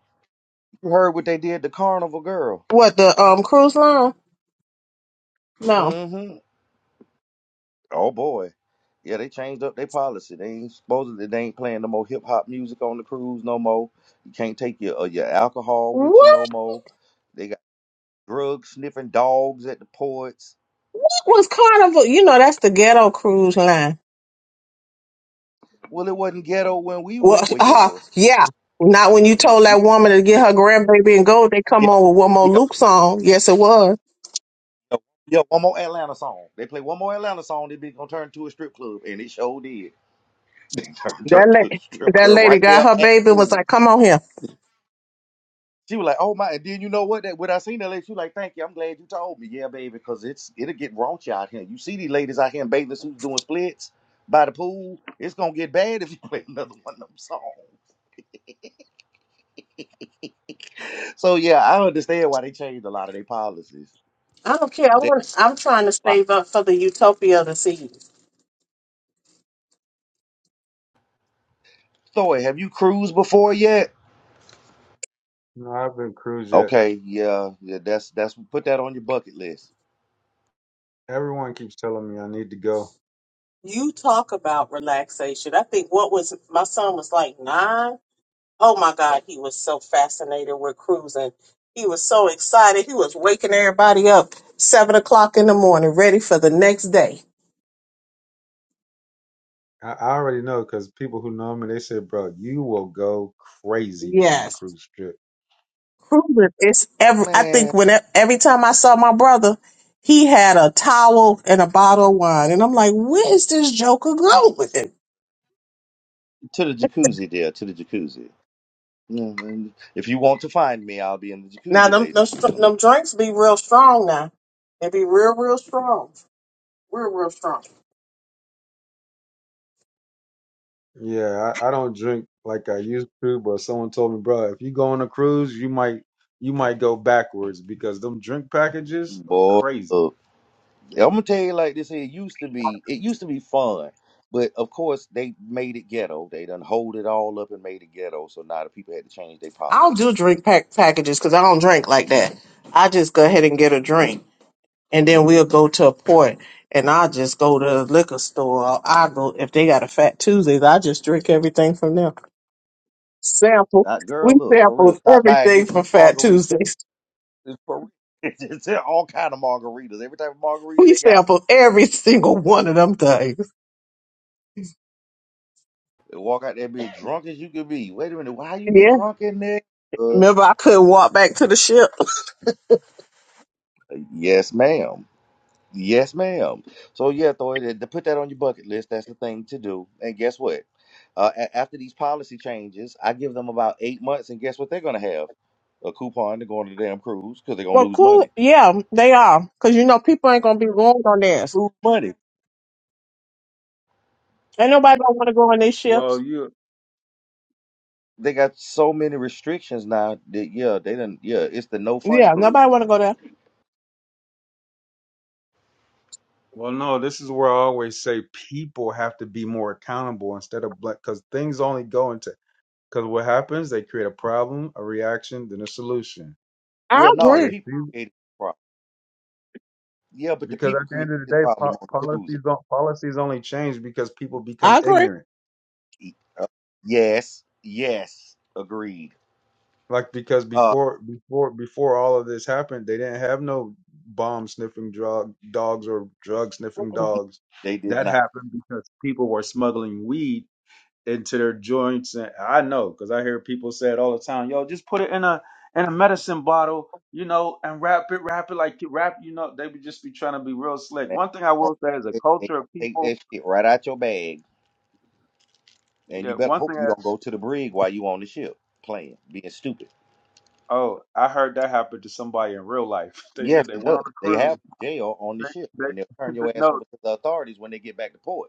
S2: you heard what they did to Carnival Girl.
S3: What the um cruise line? No.
S2: Mm-hmm. Oh boy. Yeah, they changed up their policy. They ain't supposedly they ain't playing no more hip hop music on the cruise no more. You can't take your uh, your alcohol with you no
S3: What?
S2: more. They drug sniffing dogs at the ports.
S3: What was Carnival? You know that's the ghetto cruise line.
S2: Well, it wasn't ghetto when we
S3: Well,
S2: went. Well, yeah, it
S3: uh,
S2: was.
S3: yeah. Not when you
S2: It was.
S3: told
S2: Yeah,
S3: that woman to get
S2: yeah,
S3: her grandbaby and go. They
S2: yeah,
S3: come on with one more
S2: yeah, yeah.
S3: Luke song. Yes, it was.
S2: Yeah, One more Atlanta song. They play one more Atlanta song. They be gonna turn to a strip club, and it sure did. They turned
S3: That
S2: turned to a
S3: lady.
S2: strip
S3: That
S2: club
S3: lady
S2: right
S3: got
S2: there
S3: her
S2: at
S3: baby and was
S2: food.
S3: like, "Come on here."
S2: She was like, "Oh my!" And then you know what? That when I seen that lady, she was like, "Thank you. I'm glad you told me." Yeah, baby, because it's it'll get raunchy out here. You see these ladies out here in bathing suits doing splits by the pool. It's gonna get bad if you play another one of them songs. So yeah, I understand why they changed a lot of their policies.
S3: I don't care. I
S2: They
S3: want. I'm trying to
S2: like,
S3: save up for the utopia this evening.
S2: Thor, have you cruised before yet?
S1: No, I haven't cruised yet.
S2: Okay, yeah, yeah, that's that's put that on your bucket list.
S1: Everyone keeps telling me I need to go.
S3: You talk about relaxation. I think what was my son was like nine. Oh my God, he was so fascinated with cruising. He was so excited. He was waking everybody up seven o'clock in the morning, ready for the next day.
S1: I, I already know because people who know me, they say, bro, you will go crazy on a
S3: Yes,
S1: cruise trip.
S3: cruising. It's every. I
S2: Man,
S3: think when every time I saw my brother, he had a towel and a bottle of wine, and I'm like, where is this joker going?
S2: to the jacuzzi there, to the jacuzzi. Yeah, and If you want to find me, I'll be in the
S3: Now
S2: jacuzzi,
S3: them them,
S2: ladies and
S3: str-
S2: gentlemen.
S3: them drinks be real strong now. They be real real strong, real real strong.
S1: Yeah, I, I don't drink like I used to, but someone told me, bro, if you go on a cruise, you might you might go backwards because them drink packages are
S2: Boy,
S1: crazy.
S2: uh, yeah, I'm gonna tell you like this here, it used to be it used to be fun. But of course they made it ghetto. They done hold it all up and made it ghetto, so now the people had to change their
S3: I don't do
S2: policies.
S3: drink pack packages because I don't drink like that. I just go ahead and get a drink, and then we'll go to a port, and I just go to a liquor store. Or I go if they got a Fat Tuesdays, I just drink everything from them. Sample,
S2: Uh,
S3: we
S2: girl, look, for real,
S3: sample
S2: stop by and
S3: everything
S2: get free
S3: from Fat
S2: margaritas.
S3: Tuesdays.
S2: It's for real. It's all kind of margaritas. Every type of margarita
S3: We
S2: they got.
S3: sample every single one of them things.
S2: They walk out there being drunk as you could be. Wait a minute, why you get
S3: Yeah,
S2: drunk in there? Us.
S3: remember I couldn't walk back to the ship.
S2: Yes, ma'am. Yes, ma'am. So yeah, Thor, to to put that on your bucket list, that's the thing to do. And guess what? Uh, a- after these policy changes, I give them about eight months, and guess what they're gonna have? A coupon to go on the damn cruise because they're gonna
S3: Well,
S2: lose
S3: cool.
S2: money.
S3: Yeah, they are. Because, you know, people ain't going to be going on theirs.
S2: Lose money.
S3: Ain't nobody going to want to go on their
S1: Well,
S3: ships.
S1: you
S2: They got so many restrictions now that yeah, they done yeah, it's the no fun
S3: Yeah, nobody
S2: cruise.
S3: want to go there.
S1: well, no, this is where I always say people have to be more accountable instead of black because things only go into because what happens, they create a problem, a reaction, then a solution.
S3: I
S2: Well, no,
S1: So
S2: the
S1: they
S3: agree.
S2: people
S1: see
S2: created the problem. Yeah, but the
S1: because
S2: people
S1: at the
S2: created
S1: end of the
S2: this
S1: day,
S2: problem
S1: po-
S2: on the cruise.
S1: policies don't policies only change because people
S3: I
S1: become
S3: agree.
S1: ignorant.
S2: Uh, yes, yes, agreed.
S1: Like because
S2: Uh,
S1: before before before all of this happened, they didn't have no bomb sniffing drug dogs or drug sniffing dogs.
S2: they did
S1: That
S2: not.
S1: happened because people were smuggling weed into their joints. And I know because I hear people say it all the time. Yo, just put it in a in a medicine bottle, you know, and wrap it, wrap it like wrap. You know, they would just be trying to be real slick.
S2: man.
S1: One thing I will say is a
S2: They they
S1: culture
S2: gonna
S1: of
S2: take
S1: people.
S2: that shit right out your bag, and
S1: Yeah,
S2: you better
S1: one
S2: hope
S1: thing.
S2: you
S1: I,
S2: don't go to the brig while you on the ship playing, being stupid.
S1: oh, I heard that happened to somebody in real life. They
S2: Yes,
S1: said they
S2: it
S1: went on
S2: does.
S1: a
S2: They have
S1: cruise.
S2: jail on the ship,
S1: They,
S2: and they'll turn
S1: they,
S2: your ass
S1: no.
S2: over to the authorities when they get back to port.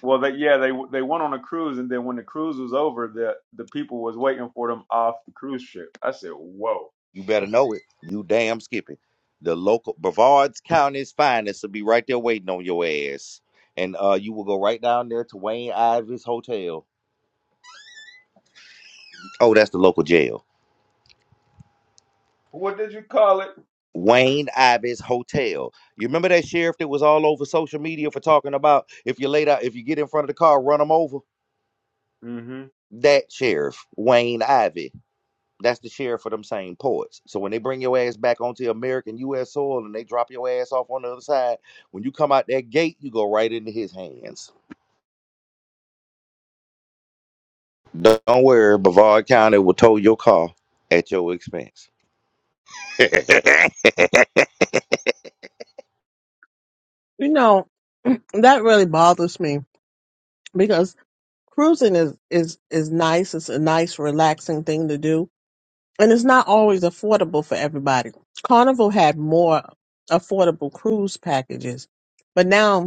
S1: Well, they, yeah, they they went on a cruise, and then when the cruise was over, the the people was waiting for them off the cruise ship. I said, "Whoa!"
S2: You better know it. You damn skipping. The local Brevard's County's finest will be right there waiting on your ass. And uh, you will go right down there to Wayne Ivy's Hotel. Oh, that's the local jail.
S1: What did you call it?
S2: Wayne Ivy's Hotel. You remember that sheriff that was all over social media for talking about if you laid out, if you get in front of the car, run them over?
S1: Mm-hmm.
S2: That sheriff, Wayne Ivy. That's the sheriff for them same poets. So when they bring your ass back onto American U.S. soil and they drop your ass off on the other side, when you come out that gate, you go right into his hands. Don't worry, Brevard County will tow your car at your expense. hey,
S3: You know, that really bothers me because cruising is, is, is nice. It's a nice, relaxing thing to do. And it's not always affordable for everybody. Carnival had more affordable cruise packages. But now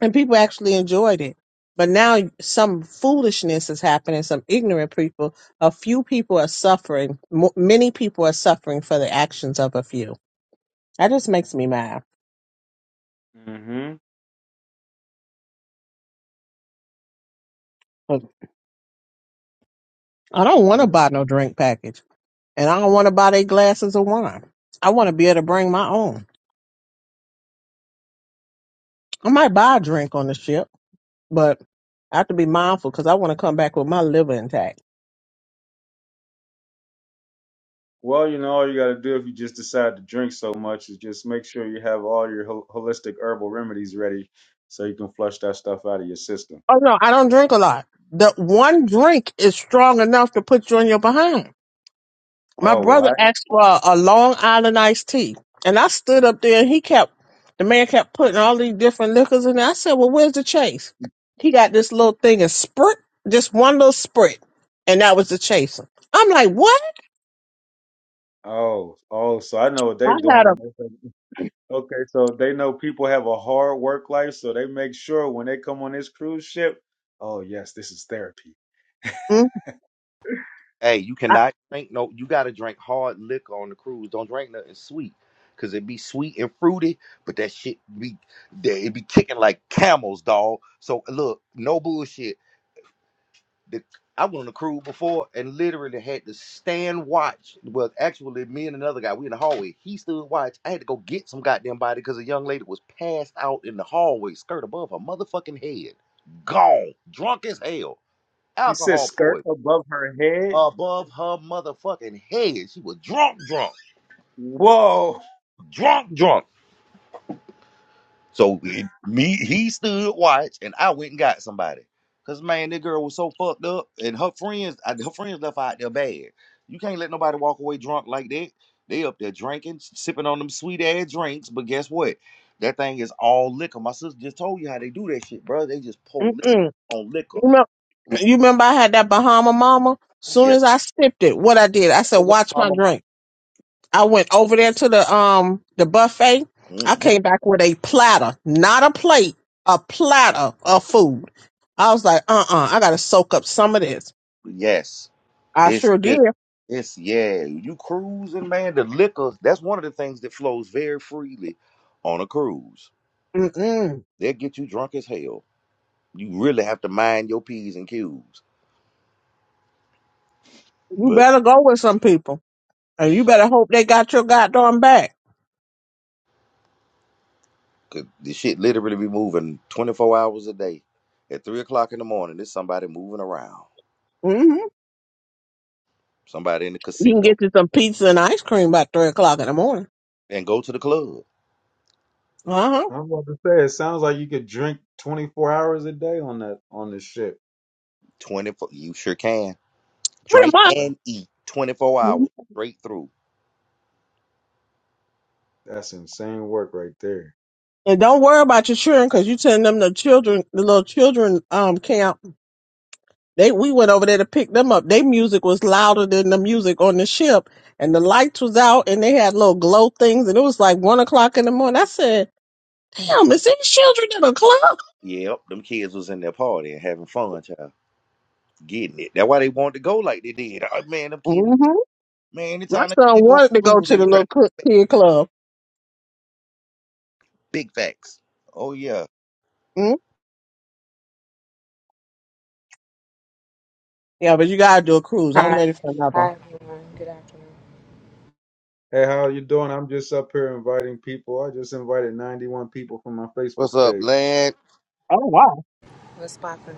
S3: and people actually enjoyed it. But now some foolishness is happening. Some ignorant people, a few people are suffering. Mo many people are suffering for the actions of a few. That just makes me mad.
S1: Mm-hmm.
S3: Look, I don't want to
S1: I'm,
S3: buy no drink package, and I don't want to buy their glasses of wine. I want to be able to bring my own. I might buy a drink on the ship, but I have to be mindful because I want to come back with my liver intact.
S1: well, you know, all you got to do if you just decide to drink so much is just make sure you have all your hol- holistic herbal remedies ready so you can flush that stuff out of your system.
S3: Oh no, I don't drink a lot. The one drink is strong enough to put you on your behind. My
S1: Oh, well,
S3: brother
S1: I,
S3: asked for a, a Long Island iced tea, and I stood up there, and he kept the man kept putting all these different liquors in there. I said, "Well, where's the chase?" He got this little thing of sprit, just one little sprit, and that was the chaser. I'm like, "What?"
S1: oh, oh, so I know what
S3: I
S1: they
S3: had a,
S1: doing. Okay, Okay, so they know people have a hard work life, so they make sure when they come on this cruise ship, oh, yes, this is therapy.
S3: mm,
S2: you
S3: I,
S2: cannot drink no. You got to drink hard liquor on the cruise. Don't drink nothing sweet, cause it be sweet and fruity, but that shit be that it be kicking like camels, dog. So look, no bullshit. the I went on a cruise before and literally had to stand watch. Well, actually, me and another guy, we in the hallway. He stood watch. I had to go get some goddamn body because a young lady was passed out in the hallway, skirt above her motherfucking head, gone, drunk as hell,
S1: You said
S2: alcohol
S1: skirt
S2: poison,
S1: above her head?
S2: above her motherfucking head. She was drunk, drunk,
S1: Whoa.
S2: drunk, drunk. So it, me, he stood watch, and I went and got somebody. Cause man, that girl was so fucked up, and her friends, I- her friends left her out there bad. You can't let nobody walk away drunk like that. They up there drinking, sipping on them sweet ass drinks, but guess what? That thing is all liquor. My sister just told you how they do that shit, bro. They just pour
S3: mm-mm.
S2: liquor on
S3: you
S2: liquor.
S3: remember? you remember I had that Bahama Mama. Soon
S2: Yeah,
S3: as
S2: that
S3: I sipped it, what I did, I said,
S2: was
S3: "Watch
S2: a
S3: my
S2: mama.
S3: drink." I went over there to the um the buffet. I
S2: hmm
S3: came back with a platter, not a plate, a platter of food. I was like, uh uh I gotta soak up some of this.
S2: Yes,
S3: I
S2: it's
S3: sure did.
S2: just, it's yeah. You cruising, man. The liquor. That's one of the things that flows very freely on a cruise
S3: Mm-mm.
S2: They'll get you drunk as hell. You really have to mind your P's and Q's.
S3: You
S2: But
S3: better go with some people, and you better hope they got your goddamn back.
S2: 'cause the shit literally be moving 24 hours a day. At 3 o'clock in the morning, there's somebody moving around.
S3: hmm
S2: Somebody in the
S3: You can get
S2: casino.
S3: you some pizza and ice cream by three o'clock in the morning.
S2: And go to the club.
S3: Uh huh.
S1: I was about to say, it sounds like you could drink 24 hours a day on that on this ship.
S2: 24, you sure can.
S3: Pretty
S2: Drink
S3: much.
S1: That-
S2: and eat 24
S3: Mhm.
S2: hours straight through.
S1: That's insane work right there.
S3: And don't worry about your children, cause you send them the children, the little children um camp They we went over there to pick them up. Their music was louder than the music on the ship, and the lights was out, and they had little glow things, and it was like one o'clock in the morning. I said, "Damn, is these children in a club?"
S2: Yep, them kids was in their party and having fun, child. Getting it. That's why they wanted to go like they did. Oh, man, them kids, be-
S3: hmm
S2: man,
S3: My
S2: anytime
S3: son
S2: they go on
S3: wanted to
S2: the
S3: go
S2: cruise,
S3: to
S2: they
S3: the
S2: be trying
S3: little cl- kid club.
S2: big facts. Oh, yeah.
S3: mm Yeah, but you gotta do a cruise. I'm
S4: Hi.
S3: ready for another one.
S4: Hi, everyone. Good afternoon.
S1: Hey, how you doing? I'm just up here inviting people. I just invited 91 people from my Facebook
S2: What's up,
S1: page.
S2: lad?
S3: Oh wow.
S4: What's poppin'?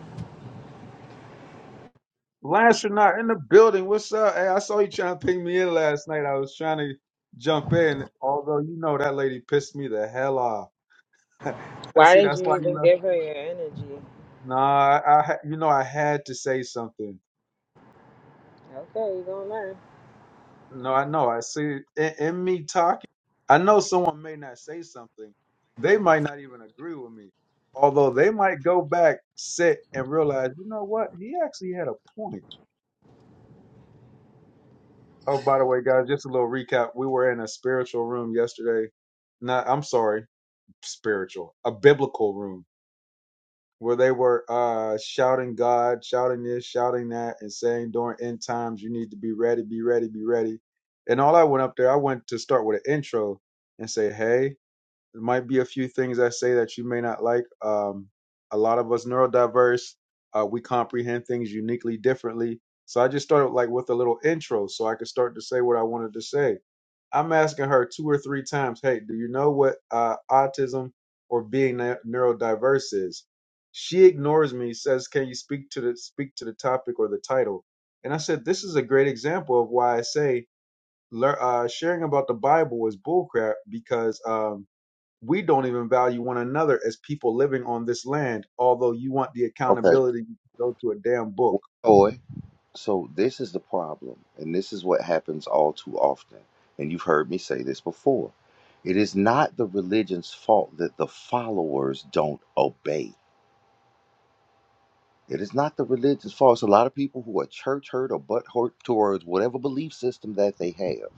S1: Lancernaut in the building. What's up? Hey, I saw you trying to ping me in last night. I was trying to jump in, although you know that lady pissed me the hell off. I
S4: Why
S1: see
S4: did
S1: that's
S4: you
S1: why you
S4: even
S1: left.
S4: give her your energy?
S1: Nah, I, I you know I had to say something.
S4: Okay, you gonna learn.
S1: No, I know. I see in, in me talking. I know someone may not say something. They might not even agree with me. Although they might go back, sit, and realize, you know what? He actually had a point. Oh, by the way, guys, just a little recap. We were in a spiritual room yesterday. Not, I'm sorry, spiritual, a biblical room. where they were uh, shouting God, shouting this, shouting that, and saying during end times, you need to be ready, be ready, be ready. And all I went up there, I went to start with an intro and say, hey, there might be a few things I say that you may not like. Um, a lot of us neurodiverse, uh, we comprehend things uniquely differently. So I just started like with a little intro so I could start to say what I wanted to say. I'm asking her two or three times, hey, do you know what uh, autism or being neu- neurodiverse is? She ignores me, says, can you speak to the speak to the topic or the title? And I said, this is a great example of why I say lear- uh, sharing about the Bible is bullcrap because um, we don't even value one another as people living on this land, although you want the
S2: Okay.
S1: accountability to go to a damn book.
S2: Toy. So this is the problem, and this is what happens all too often. And you've heard me say this before. It is not the religion's fault that the followers don't obey. It is not the religion's fault. It's a lot of people who are church hurt or butt hurt towards whatever belief system that they have.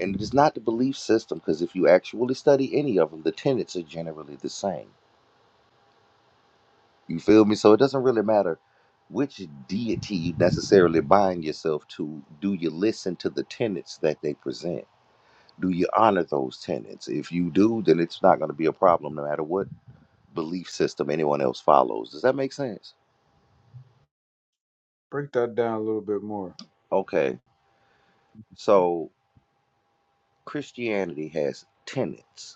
S2: And it is not the belief system, because if you actually study any of them, the tenets are generally the same. You feel me? So it doesn't really matter which deity you necessarily bind yourself to. Do you listen to the tenets that they present? Do you honor those tenets? If you do, then it's not going to be a problem no matter what belief system anyone else follows. Does that make sense?
S1: Break that down a little bit more.
S2: Okay. So Christianity has tenets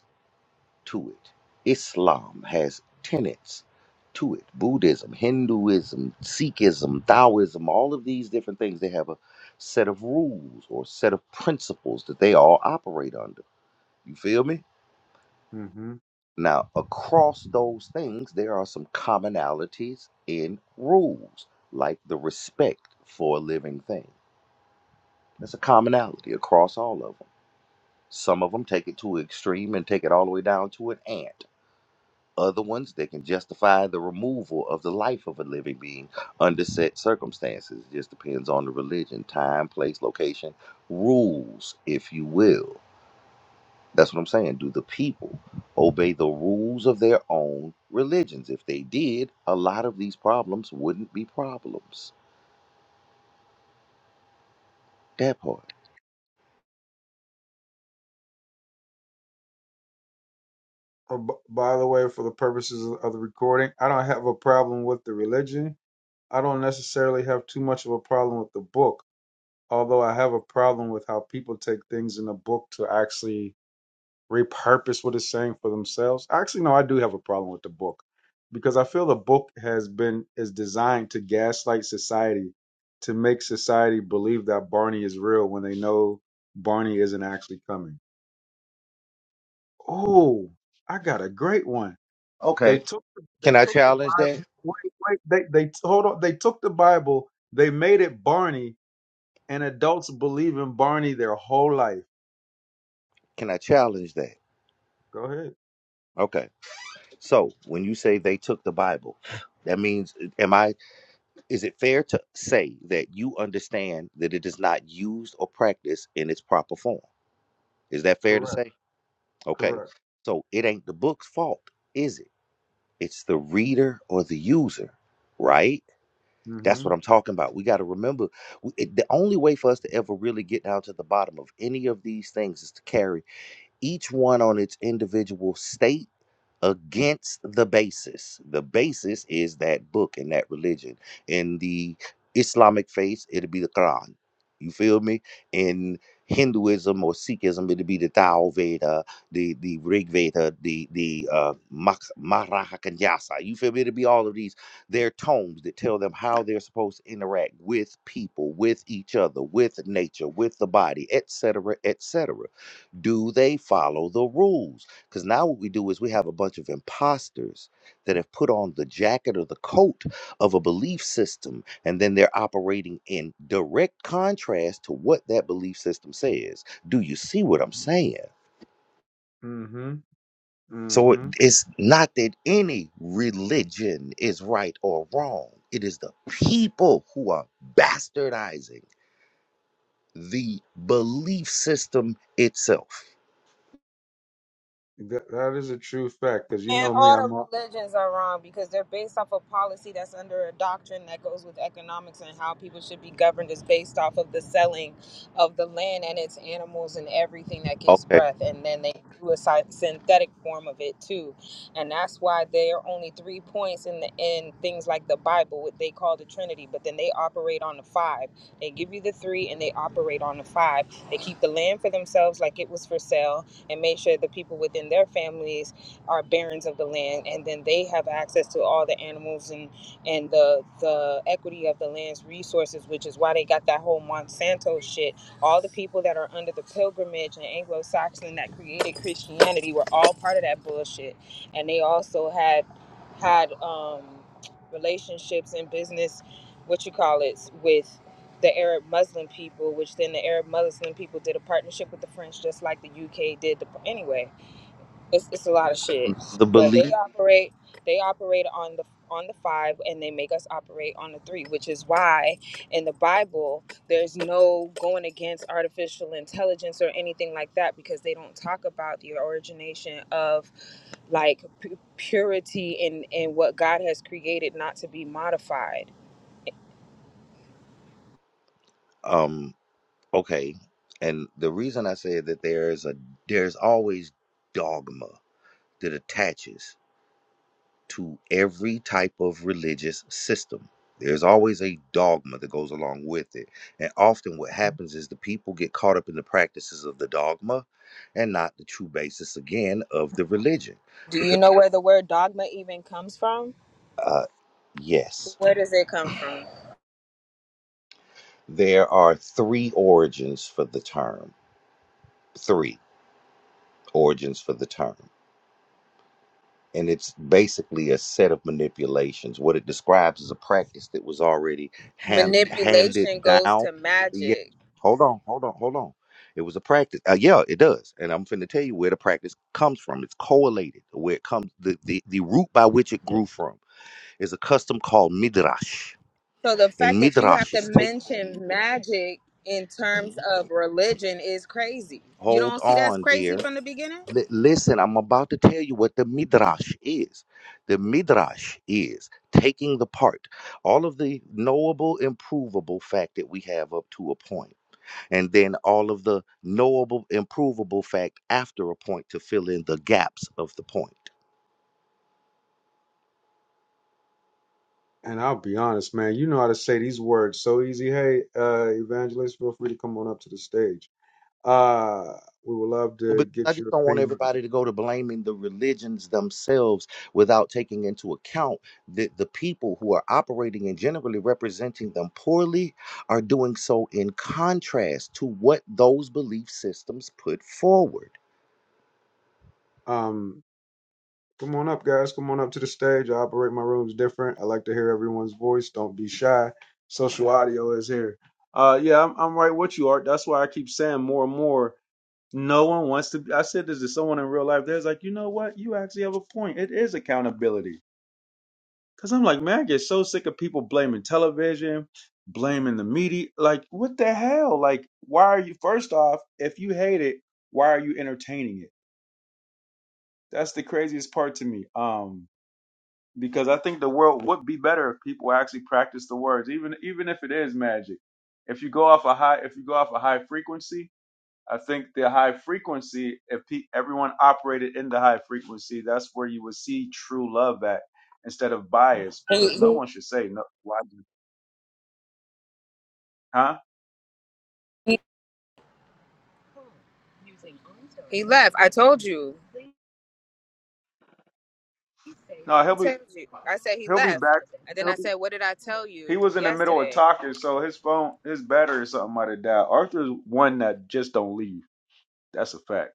S2: to it. Islam has tenets to it. Buddhism, Hinduism, Sikhism, Taoism, all of these different things, they have a set of rules or set of principles that they all operate under. You feel me?
S1: hmm
S2: Now, across those things, there are some commonalities in rules, like the respect for a living thing. That's a commonality across all of them. Some of them take it to an extreme and take it all the way down to an ant. Other ones that can justify the removal of the life of a living being under set circumstances. It just depends on the religion, time, place, location, rules, if you will. That's what I'm saying. Do the people obey the rules of their own religions? If they did, a lot of these problems wouldn't be problems. That part.
S1: Oh, b- by the way, for the purposes of of the recording, I don't have a problem with the religion. I don't necessarily have too much of a problem with the book, although I have a problem with how people take things in the book to actually repurpose what it's saying for themselves. Actually, no, I do have a problem with the book because I feel the book has been is designed to gaslight society to make society believe that Barney is real when they know Barney isn't actually coming. Oh, I got a great one. They
S2: Okay.
S1: took they
S2: Can I
S1: took the
S2: challenge
S1: Bible.
S2: that?
S1: Wait, wait, they they hold on. They took the Bible. They made it Barney, and adults believe in Barney their whole life.
S2: Can I challenge that?
S1: Go ahead.
S2: Okay. So when you say they took the Bible, that means am I Is it fair to say that you understand that it is not used or practiced in its proper form? Is that fair to
S1: Correct.
S2: say? Okay.
S1: Correct.
S2: So it ain't the book's fault, is it? It's the reader or the user, right? That's
S1: Mm-hmm.
S2: what I'm talking about. We got to remember w- it- the only way for us to ever really get down to the bottom of any of these things is to carry each one on its individual state against the basis. The basis is that book and that religion. In the Islamic faith, it'll be the Quran. You feel me? In Hinduism or Sikhism, it'll be the Tao Veda, the, the Rig Veda, the the uh, Mah- Mahakanyasa. You feel me? It'll be all of these. Their tomes that tell them how they're supposed to interact with people, with each other, with nature, with the body, etc., etc do they follow the rules? Because now what we do is we have a bunch of imposters that have put on the jacket or the coat of a belief system, and then they're operating in direct contrast to what that belief system says. Do you see what I'm saying?
S1: Mm-hmm. Mm
S2: So it-
S1: hmm.
S2: it's not that any religion is right or wrong. It is the people who are bastardizing the belief system itself.
S1: That, that is a true fact, because you
S4: And
S1: know me,
S4: all
S1: I'm all,
S4: the religions are wrong because they're based off of policy that's under a doctrine that goes with economics and how people should be governed is based off of the selling of the land and its animals and everything that gives
S2: Okay.
S4: breath. And then they do a sy- synthetic form of it too. And that's why there are only three points in the in things like the Bible, what they call the Trinity, but then they operate on the five. They give you the three and they operate on the five. They keep the land for themselves like it was for sale and make sure the people within their families are barons of the land, and then they have access to all the animals and and the the equity of the land's resources, which is why they got that whole Monsanto shit. All the people that are under the pilgrimage and Anglo-Saxon that created Christianity were all part of that bullshit, and they also had had um, relationships and business, what you call it, with the Arab Muslim people, which then the Arab Muslim people did a partnership with the French, just like the UK did. The, anyway, it's, it's a lot of shit,
S2: The
S4: but they
S2: belief.
S4: operate they operate on the on the five, and they make us operate on the three, which is why in the Bible there's no going against artificial intelligence or anything like that because they don't talk about the origination of like pu- purity and and what God has created not to be modified.
S2: um, Okay. And the reason I say that there is a there's always dogma that attaches to every type of religious system. There's always a dogma that goes along with it. And often what happens is the people get caught up in the practices of the dogma and not the true basis again of the religion.
S4: Do you
S2: Because
S4: know where the word dogma even comes from?
S2: uh yes,
S4: Where does it come from?
S2: there are three origins for the term. Three origins for the term. and it's basically a set of manipulations. What it describes is a practice that was already hand handed
S4: Manipulation goes
S2: down.
S4: to
S2: Yeah,
S4: magic.
S2: hold on, hold on, hold on. It was a practice. Uh, yeah, it does, and I'm finna tell you where the practice comes from. It's correlated where it comes. The, the the root by which it grew from is a custom called midrash,
S4: So the
S2: and
S4: fact that you have
S2: midrash
S4: to
S2: is take.
S4: mention magic in terms of religion is crazy. You
S2: Hold
S4: don't see that's
S2: on,
S4: crazy
S2: dear.
S4: from the beginning?
S2: Li- listen, I'm about to tell you what the midrash is. The midrash is taking the part, all of the knowable, improvable fact that we have up to a point, and then all of the knowable, improvable fact after a point to fill in the gaps of the point.
S1: and I'll be honest, man, you know how to say these words so easy. Hey, uh, evangelist, feel free to come on up to the stage. Uh, we would love
S2: Well,
S1: to
S2: because I
S1: get
S2: just
S1: your
S2: don't want
S1: opinion.
S2: everybody to go to blaming the religions themselves without taking into account that the people who are operating and generally representing them poorly are doing so in contrast to what those belief systems put forward.
S1: Um, come on up, guys. Come on up to the stage. I operate my rooms different. I like to hear everyone's voice. Don't be shy. Social audio is here. Uh, yeah, I'm, I'm right with you, Art. That's why I keep saying more and more. No one wants to. I said this to someone in real life. There's like, you know what? You actually have a point. It is accountability Cause I'm like, man, I get so sick of people blaming television, blaming the media. Like, what the hell? Like, why are you? First off, if you hate it, why are you entertaining it? That's the craziest part to me. Um, because I think the world would be better if people actually practice the words, even even if it is magic. If you go off a high, if you go off a high frequency, I think the high frequency, if pe- everyone operated in the high frequency, that's where you would see true love at instead of bias, because no
S4: He,
S1: one should say no. Why? Huh?
S4: he, he left. I told you.
S1: No,
S4: I
S1: he'll be
S4: told you. I said he
S1: he'll be
S4: left.
S1: back.
S4: And then I
S1: He'll be
S4: said, What did I tell
S1: he
S4: you
S1: was in the middle of
S4: yesterday?
S1: talking, so his phone his battery or something might have died. Arthur's one that just don't leave. That's a fact.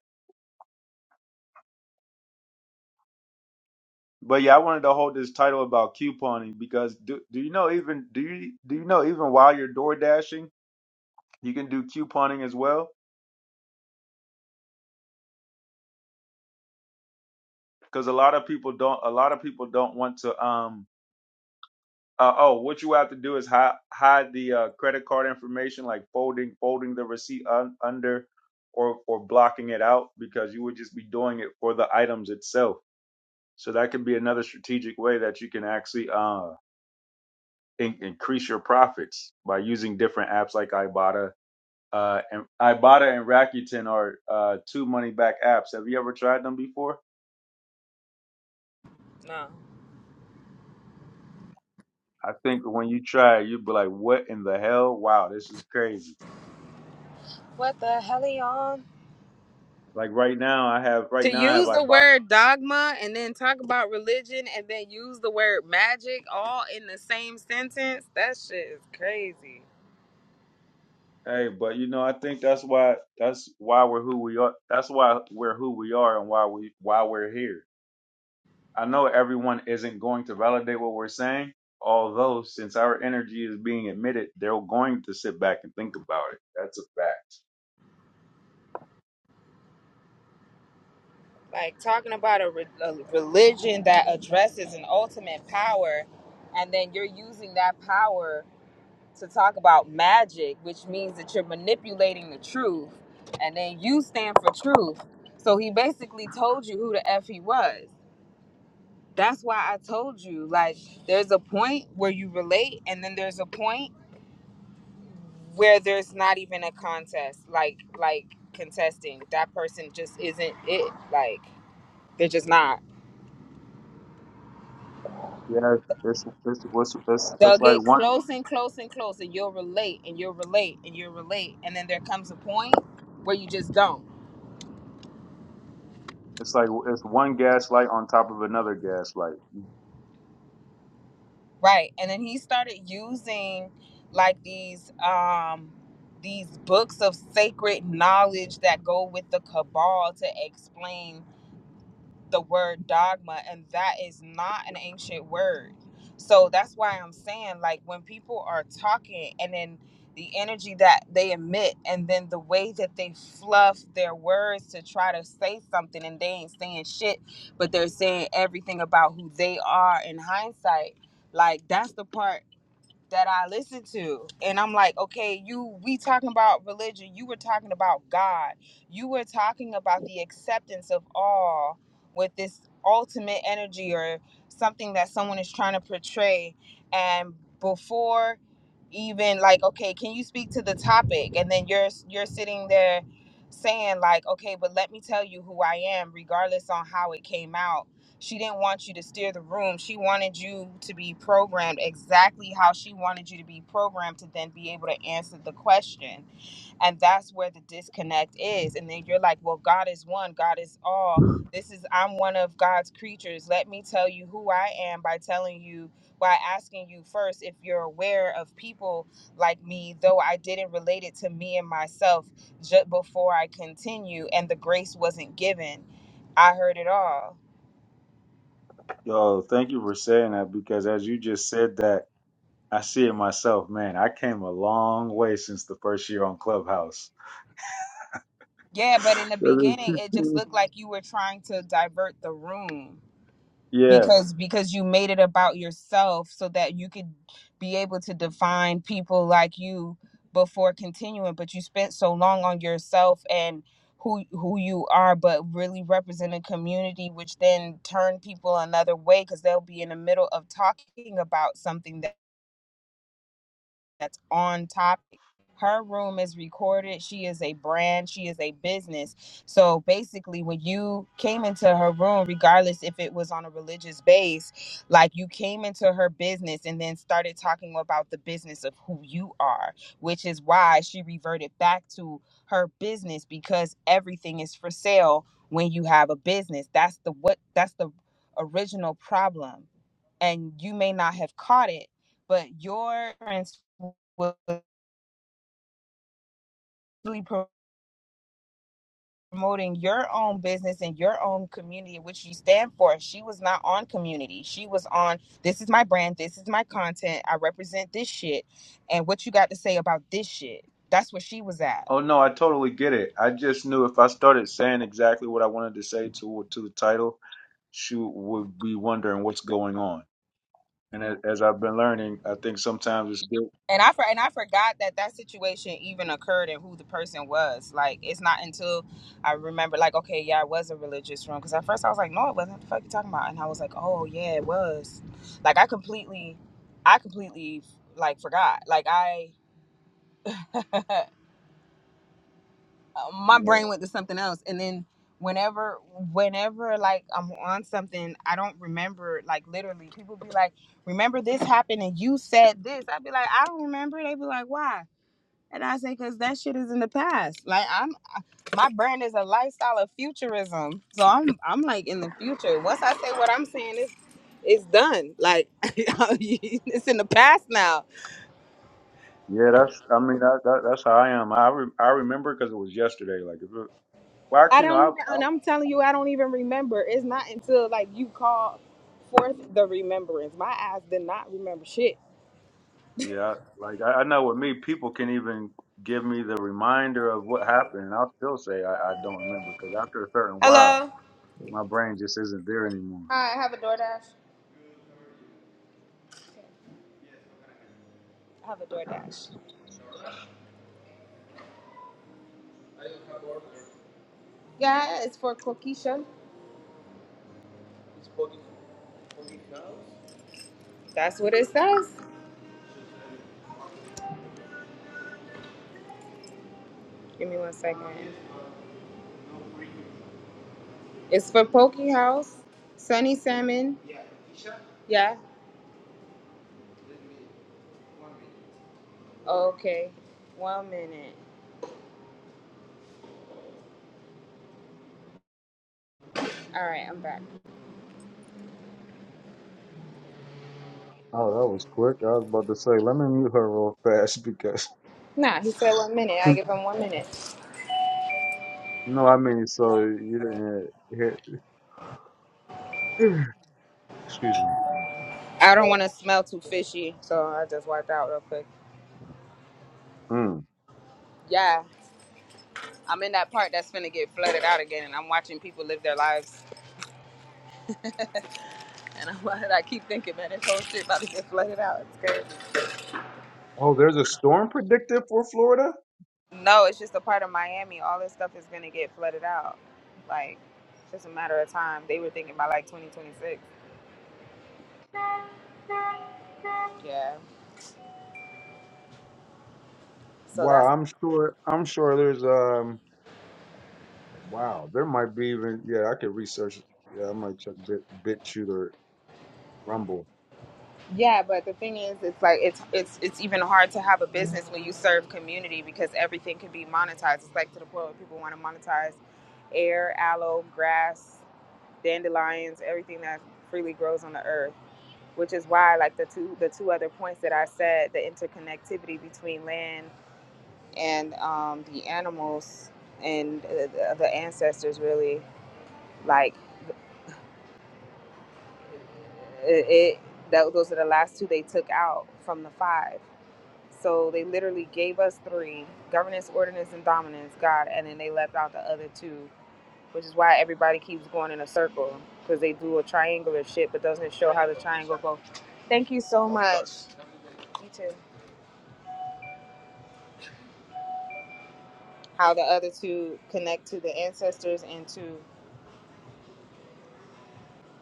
S1: But yeah, I wanted to hold this title about couponing because do do you know even do you do you know even while you're door dashing, you can do couponing as well? Because a lot of people don't a lot of people don't want to um Uh, oh, what you have to do is hide hide the uh, credit card information, like folding folding the receipt un- under, or or blocking it out because you would just be doing it for the items itself. So that can be another strategic way that you can actually uh, in- increase your profits by using different apps like Ibotta. Uh, and Ibotta and Rakuten are uh, two money back apps. Have you ever tried them before?
S4: No.
S1: I think when you try, it, you'd be like, "What in the hell? Wow, this is crazy."
S4: What the hell are you on?
S1: Like right now, I have right
S4: to
S1: now I have
S4: use the
S1: Ibotta.
S4: word dogma and then talk about religion and then use the word magic all in the same sentence that shit is crazy
S1: Hey, but you know, I think that's why that's why we're who we are. That's why we're who we are and why we why we're here. I know everyone isn't going to validate what we're saying, although since our energy is being emitted, they're going to sit back and think about it. That's a fact.
S4: like talking about a, re- a religion that addresses an ultimate power and then you're using that power to talk about magic which means that you're manipulating the truth and then you stand for truth so he basically told you who the f he was that's why i told you like there's a point where you relate and then there's a point where there's not even a contest like like contesting that person just isn't it like they're just not
S1: Yeah, it's it's it's it's,
S4: they'll
S1: it's like
S4: get
S1: one
S4: close and close and close and you'll relate and you'll relate and you'll relate and then there comes a point where you just don't
S1: it's like it's one gaslight on top of another gaslight.
S4: right and then he started using like these um these books of sacred knowledge that go with the cabal to explain the word dogma and that is not an ancient word so that's why i'm saying like when people are talking and then the energy that they emit and then the way that they fluff their words to try to say something and they ain't saying shit but they're saying everything about who they are in hindsight like that's the part that I listen to. And I'm like, okay, you we talking about religion. You were talking about God. You were talking about the acceptance of all with this ultimate energy or something that someone is trying to portray. And before even like, okay, can you speak to the topic? And then you're you're sitting there saying like, okay, but let me tell you who I am, regardless on how it came out she didn't want you to steer the room. She wanted you to be programmed exactly how she wanted you to be programmed to then be able to answer the question. And that's where the disconnect is. And then you're like, well, God is one, God is all. This is, I'm one of God's creatures. Let me tell you who I am by telling you, by asking you first if you're aware of people like me, though I didn't relate it to me and myself just before I continue and the grace wasn't given. I heard it all.
S1: Yo, thank you for saying that because as you just said that, I see it myself, man. I came a long way since the first year on Clubhouse.
S4: Yeah, but in the beginning, it just
S1: seventeen.
S4: looked like you were trying to divert the room
S1: Yeah.
S4: because because you made it about yourself so that you could be able to define people like you before continuing. But you spent so long on yourself and who who you are, but really represent a community, which then turn people another way because they'll be in the middle of talking about something that that's on topic. Her room is recorded. She is a brand. She is a business. So basically, when you came into her room, regardless if it was on a religious base, like you came into her business and then started talking about the business of who you are, which is why she reverted back to her business because everything is for sale when you have a business. That's the what that's the original problem. And you may not have caught it but your parents was really promoting your own business and your own community, which you stand for. She was not on community. She was on this is my brand, this is my content, I represent this shit, and what you got to say about this shit. That's where she was at
S1: Oh no, I totally get it. I just knew if I started saying exactly what I wanted to say to to the title, she would be wondering what's going on. And as, as I've been learning, I think sometimes it's good.
S4: and I for- and I forgot that that situation even occurred and who the person was. Like it's not until I remember, like, okay, yeah, it was a religious room. Because at first I was like, no, it wasn't. What the fuck you talking about? And I was like, oh yeah, it was. Like I completely, I completely like forgot. Like I, my
S1: Yeah,
S4: brain went to something else, and then whenever whenever like i'm on something i don't remember like literally people be like remember this happened and you said this i'd be like i don't remember they be like why And I say, cause that shit is in the past. Like I'm, my brand is a lifestyle of futurism. So I'm, I'm like in the future. Once I say what I'm saying, it's, it's done. Like it's in the past now.
S1: yeah. That's. I mean, that, that, that's how I am. I re, I remember because it was yesterday. Like, if it, well,
S4: I
S1: actually, no.
S4: don't
S1: I,
S4: even,
S1: I
S4: and I'm telling you, I don't even remember. It's not until like you call forth the remembrance. My ass did not remember shit.
S1: yeah. Like, I, I know with me, people can even give me the reminder of what happened, and I'll still say I, I don't remember because after a certain while,
S4: Hello.
S1: my brain just isn't there anymore.
S4: Hi. I have a DoorDash. I have a DoorDash. Yeah, it's for Coquisha. That's what it says. Give me one second. It's for Poke House, Sunny Salmon. Yeah. Okay. One minute. All right, I'm back.
S1: Oh, that was quick. I was about to say, let me mute her real fast because
S4: Nah, he said one minute. I give him one minute.
S1: no, I mean, so you didn't hear. hear- Excuse me.
S4: I don't want to smell too fishy, so I just wiped out real quick.
S1: Mm.
S4: Yeah, I'm in that part that's gonna get flooded out again, and I'm watching people live their lives. And I'm, I keep thinking, man, this whole shit about to get flooded out. It's crazy.
S1: Oh, there's a storm predicted for Florida.
S4: No, it's just a part of Miami. All this stuff is gonna get flooded out. Like, it's just a matter of time. They were thinking by like 2026. Yeah. So
S1: Wow,
S4: that's
S1: I'm sure. I'm sure there's um. Wow, there might be even. Yeah, I could research. Yeah, I might check Bit BitChute or Rumble.
S4: Yeah, but the thing is, it's like it's it's it's even hard to have a business when you serve community because everything can be monetized. It's like to the point where people want to monetize air, aloe, grass, dandelions, everything that freely grows on the earth. Which is why, like the two the two other points that I said, the interconnectivity between land and um, the animals and uh, the the ancestors really like it. it tho- those are the last two they took out from the five So they literally gave us three governance, ordinance, and dominance, God, and then they left out the other two, which is why everybody keeps going in a circle because they do a triangular shit but doesn't show how the triangle goes. Thank you so much. You too. How the other two connect to the ancestors and to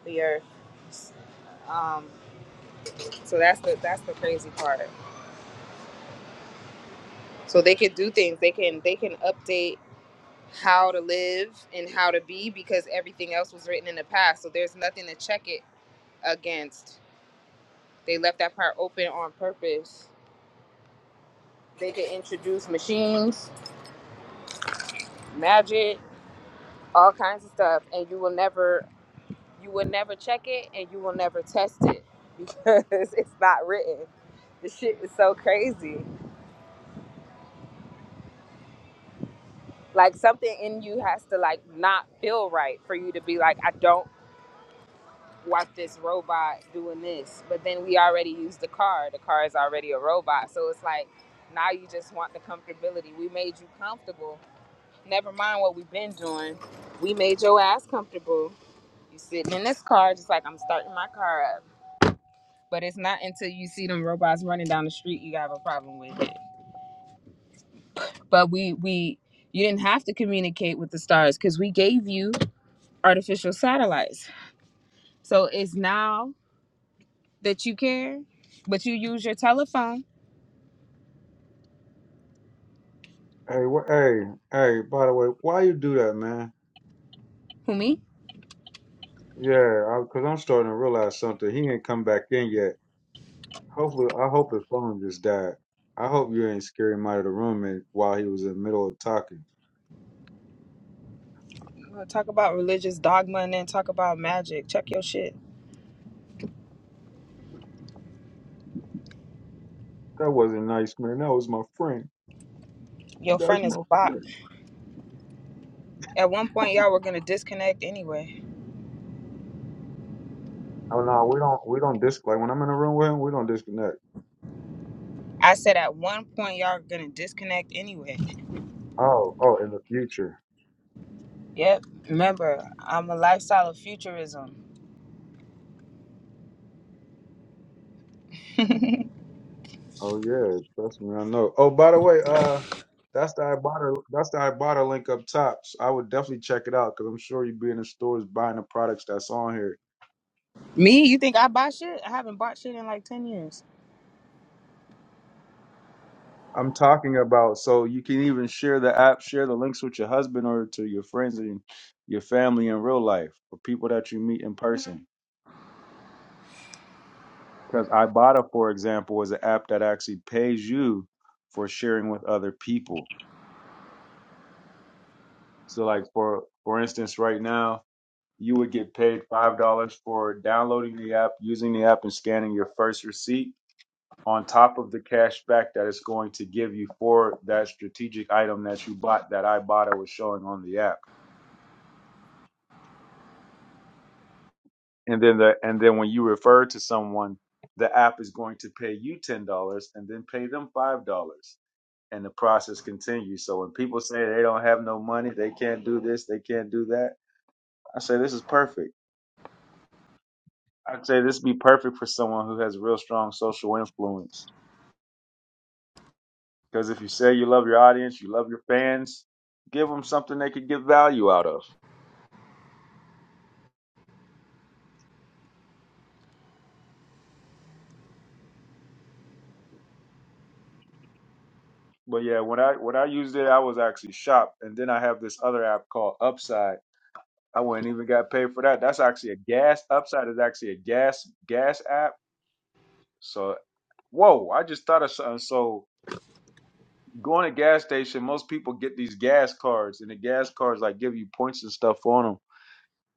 S4: the earth. Um, so that's the that's the crazy part. So they can do things. They can they can update how to live and how to be because everything else was written in the past. So there's nothing to check it against They left that part open on purpose. They could introduce machines, magic, all kinds of stuff, and you will never you will never check it and you will never test it because it's not written. The shit is so crazy. Like something in you has to like not feel right for you to be like, I don't want this robot doing this. But then we already used the car. The car is already a robot. So it's like now you just want the comfortability. We made you comfortable Never mind what we've been doing. We made your ass comfortable. You sitting in this car just like I'm starting my car up. But it's not until you see them robots running down the street you have a problem with it. But we we you didn't have to communicate with the stars because we gave you artificial satellites. So it's now that you care, but you use your telephone.
S1: Hey, what? Hey, hey. By the way, why you do that, man?
S4: Who me?
S1: Yeah, because I'm starting to realize something. He ain't come back in yet. Hopefully, I hope his phone just died. I hope you ain't scare him out of the room and, while he was in the middle of talking.
S4: You wanna Talk about religious dogma and then talk about magic. Check your shit.
S1: That wasn't nice, man. That was my friend.
S4: Your
S1: That's
S4: friend is a
S1: my
S4: bot.
S1: friend.
S4: At one point, y'all were gonna disconnect anyway.
S1: Oh no, we don't. We don't dis like when I'm in a room with him. We don't disconnect.
S4: I said at one point y'all are gonna disconnect anyway.
S1: Oh, oh, in the future.
S4: Yep. Remember, I'm a lifestyle of futurism.
S1: Oh yeah, trust me, I know. Oh, by the way, uh, that's the Ibotta. That's the Ibotta link up top. So I would definitely check it out because I'm sure you'd be in the stores buying the products that's on here.
S4: Me, you think I buy shit? I haven't bought shit in like ten years.
S1: I'm talking about. So you can even share the app, share the links with your husband or to your friends and your family in real life or people that you meet in person. Because Ibotta, for example, is an app that actually pays you for sharing with other people. So, like for for instance, right now you would get paid five dollars for downloading the app, using the app, and scanning your first receipt on top of the cash back that it's going to give you for that strategic item that you bought that Ibotta was showing on the app. and then the and then when you refer to someone the app is going to pay you ten dollars and then pay them five dollars and the process continues so when people say they don't have no money they can't do this they can't do that i say this is perfect i'd say this would be perfect for someone who has real strong social influence because if you say you love your audience you love your fans give them something they could get value out of but yeah when i when i used it i was actually shocked and then i have this other app called upside I wouldn't even got paid for that. That's actually a gas upside is actually a gas gas app. So whoa, I just thought of something. So going to gas station, most people get these gas cards and the gas cards like give you points and stuff on them.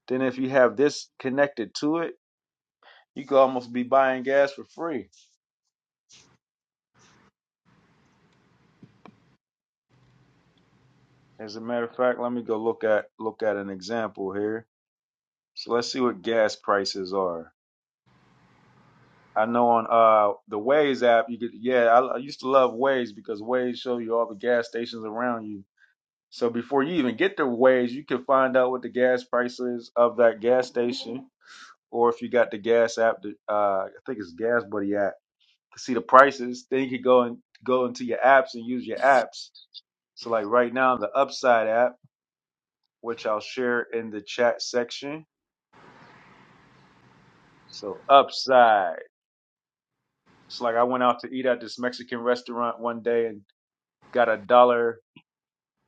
S1: Then if you have this connected to it, you could almost be buying gas for free. As a matter of fact, let me go look at look at an example here. So let's see what gas prices are. I know on uh the Waze app you could yeah I, I used to love Waze because Waze show you all the gas stations around you. So before you even get to Waze, you can find out what the gas price is of that gas station, or if you got the gas app, the, uh I think it's Gas Buddy app, to see the prices. Then you could go and go into your apps and use your apps. So like right now the Upside app, which I'll share in the chat section. So Upside. It's like I went out to eat at this Mexican restaurant one day and got a dollar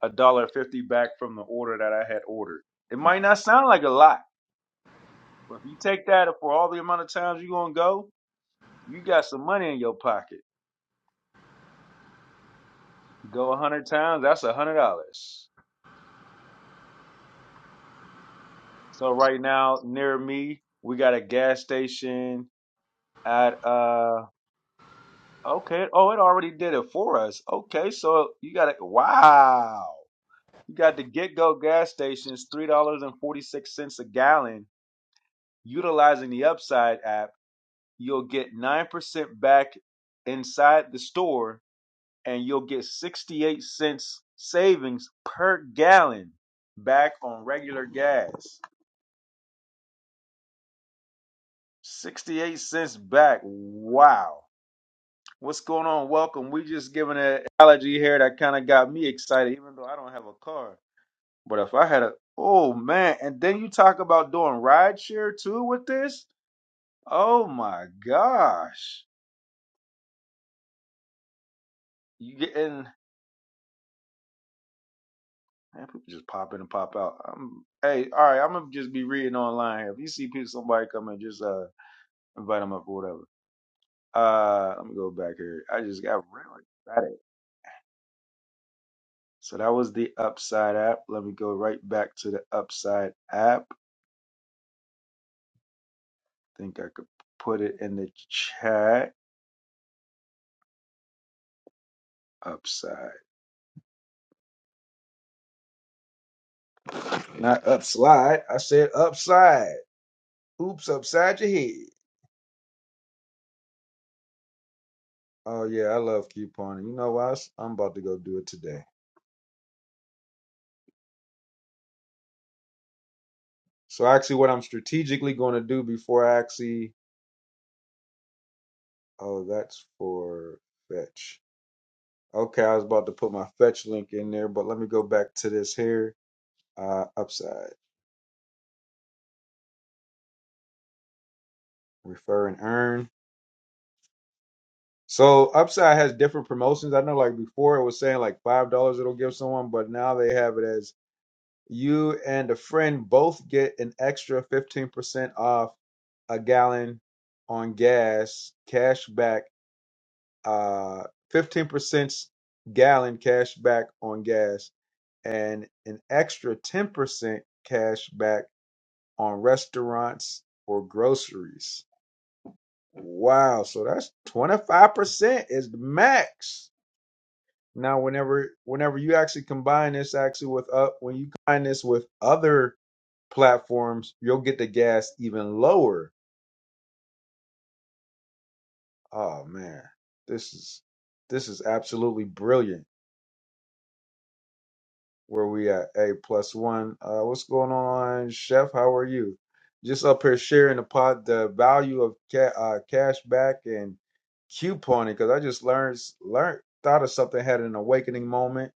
S1: a dollar fifty back from the order that I had ordered. It might not sound like a lot, but if you take that for all the amount of times you're gonna go, you got some money in your pocket. Go a hundred times, that's a hundred dollars. So right now, near me, we got a gas station at uh okay. Oh, it already did it for us. Okay, so you got it wow. You got the get go gas stations, three dollars and forty six cents a gallon, utilizing the upside app you'll get 9% back inside the store and you'll get 68 cents savings per gallon back on regular gas. 68 cents back. Wow. What's going on? Welcome. We just giving an analogy here that kind of got me excited, even though I don't have a car. But if I had a, oh man, and then you talk about doing ride share too with this? Oh my gosh. You getting Man, people just pop in and pop out. I'm, hey, all right, I'm gonna just be reading online here. If you see people, somebody come and just uh invite them up or whatever. Uh, let me go back here. I just got really excited. So that was the Upside app. Let me go right back to the Upside app. think I could put it in the chat. Upside, not upslide. I said upside. Oops, upside your head. Oh yeah, I love couponing. You know what? I'm about to go do it today. So actually, what I'm strategically going to do before I actually, oh, that's for fetch. Okay, I was about to put my fetch link in there, but let me go back to this here. Uh, upside refer and earn. So upside has different promotions. I know, like before, it was saying like five dollars it'll give someone, but now they have it as you and a friend both get an extra fifteen percent off a gallon on gas cash back. uh, 15% gallon cash back on gas and an extra 10% cash back on restaurants or groceries. Wow, so that's 25% is the max. Now whenever whenever you actually combine this actually with up when you combine this with other platforms, you'll get the gas even lower. Oh man, this is this is absolutely brilliant. Where we at? Hey, plus one. Uh, what's going on, Chef? How are you? Just up here sharing the pot, the value of ca- uh, cash back and couponing, because I just learned learned thought of something, had an awakening moment.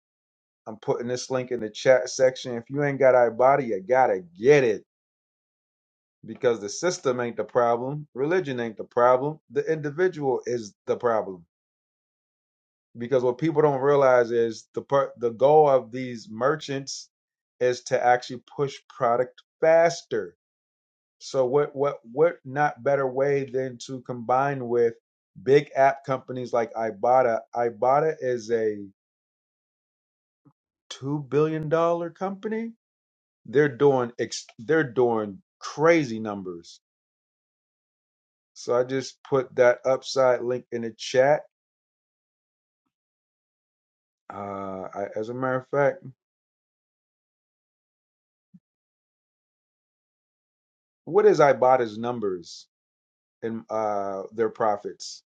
S1: I'm putting this link in the chat section. If you ain't got iBody, you gotta get it because the system ain't the problem, religion ain't the problem, the individual is the problem because what people don't realize is the per- the goal of these merchants is to actually push product faster. So what what what not better way than to combine with big app companies like Ibotta. Ibotta is a two billion dollar company. They're doing ex- they're doing crazy numbers. So I just put that upside link in the chat. Uh, I, as a matter of fact, what is Ibotta's numbers? and uh, their profits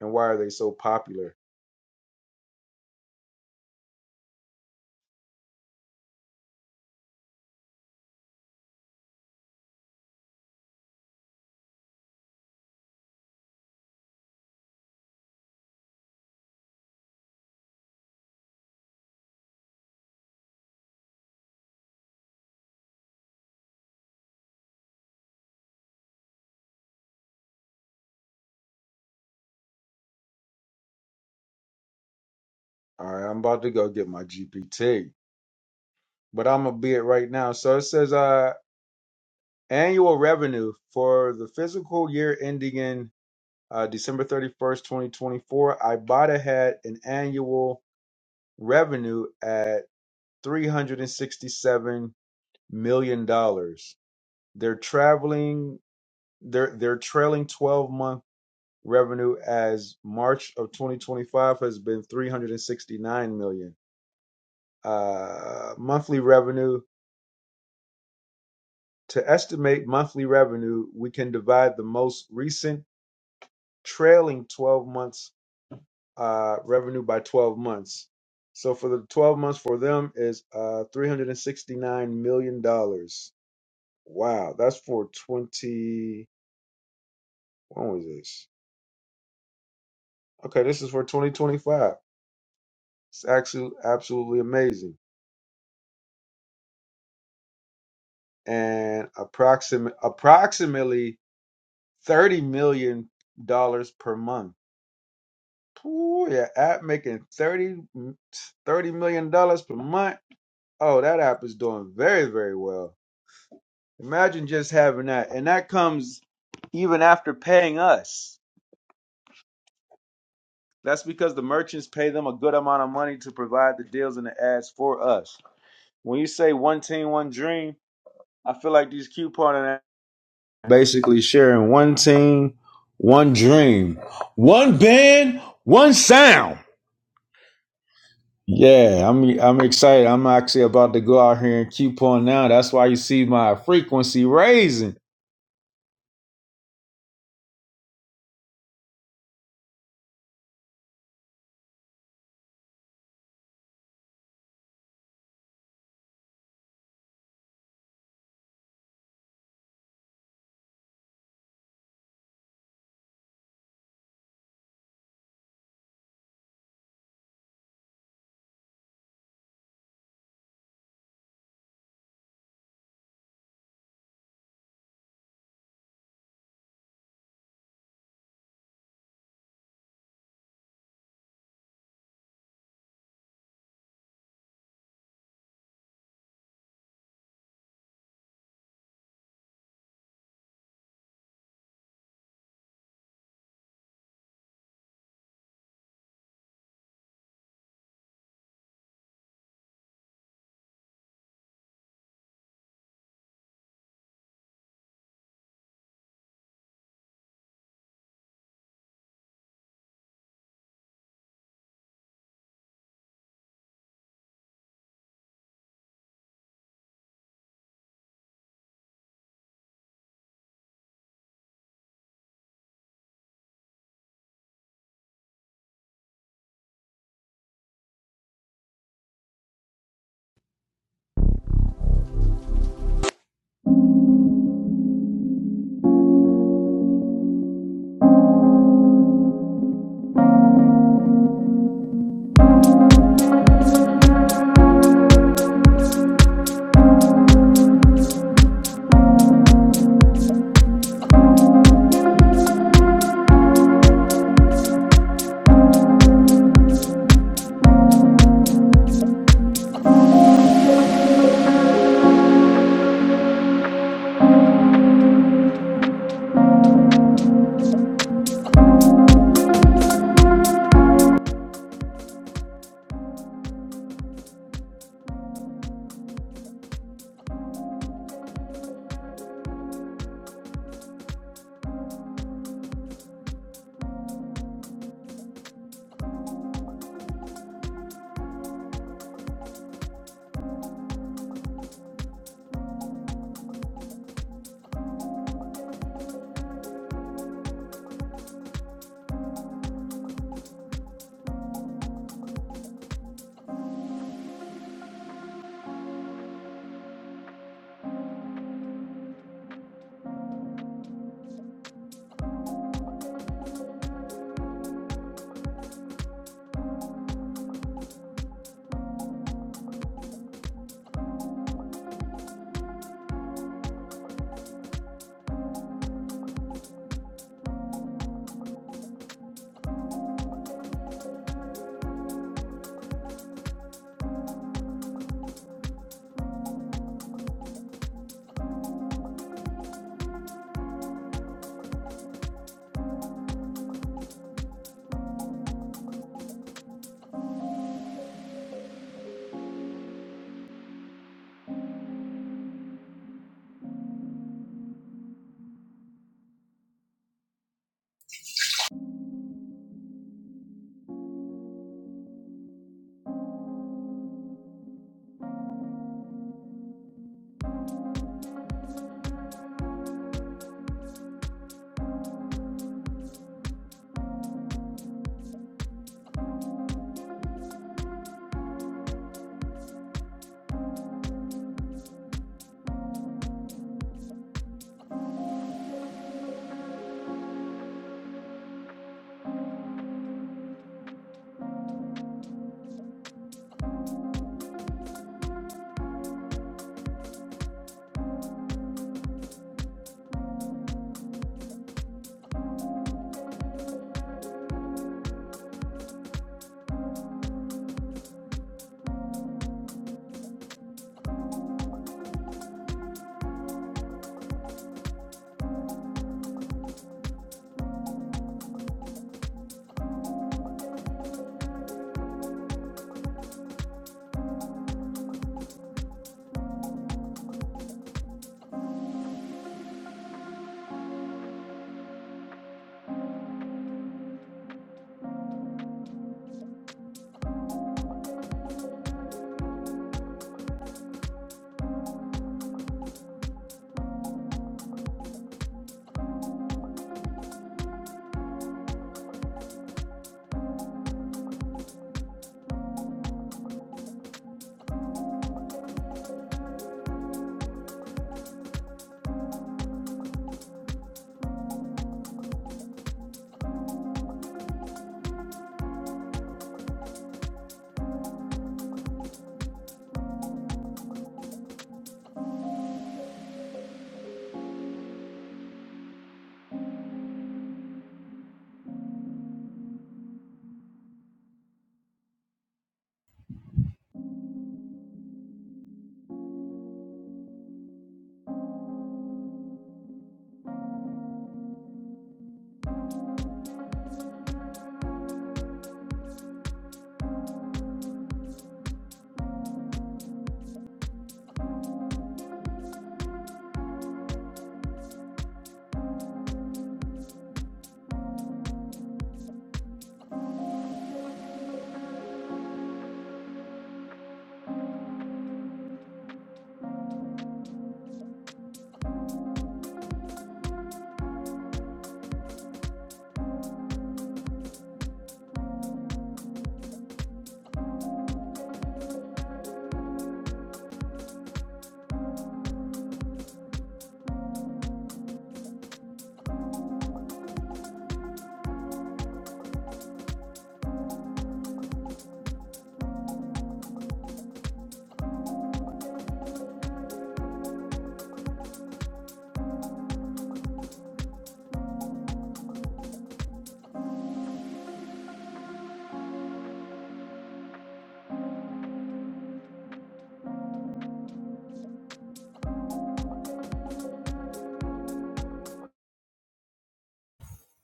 S1: and why are they so popular? All right, I'm about to go get my GPT, but I'm gonna be it right now. So it says uh, annual revenue for the fiscal year ending in uh, December 31st, 2024. Ibotta had an annual revenue at 367 million dollars. They're traveling. They're they're trailing 12 month revenue as March of 2025 has been 369 million. dollars. Uh, monthly revenue to estimate monthly revenue, we can divide the most recent trailing 12 months uh, revenue by 12 months. So for the 12 months for them is uh, 369 million dollars. Wow, that's for 20. When was this? Okay, this is for 2025. It's actually absolutely amazing. and approximate approximately thirty million dollars per month. Ooh, your app making thirty thirty million dollars per month. Oh, that app is doing very, very well. Imagine just having that. And that comes even after paying us. That's because the merchants pay them a good amount of money to provide the deals and the ads for us. When you say one team, one dream, I feel like these couponing basically sharing one team, one dream, one band, one sound. Yeah, I'm I'm excited. I'm actually about to go out here and keep on now. That's why you see my frequency raising.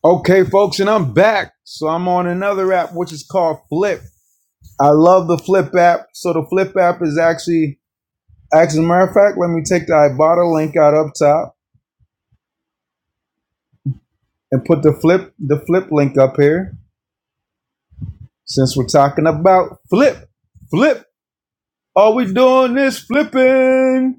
S1: Okay, folks, and I'm back. So I'm on another app which is called Flip. I love the Flip app. So the Flip app is actually as a matter of fact, let me take the Ibotta link out up top and put the flip the flip link up here. Since we're talking about flip, flip. All we doing is flipping.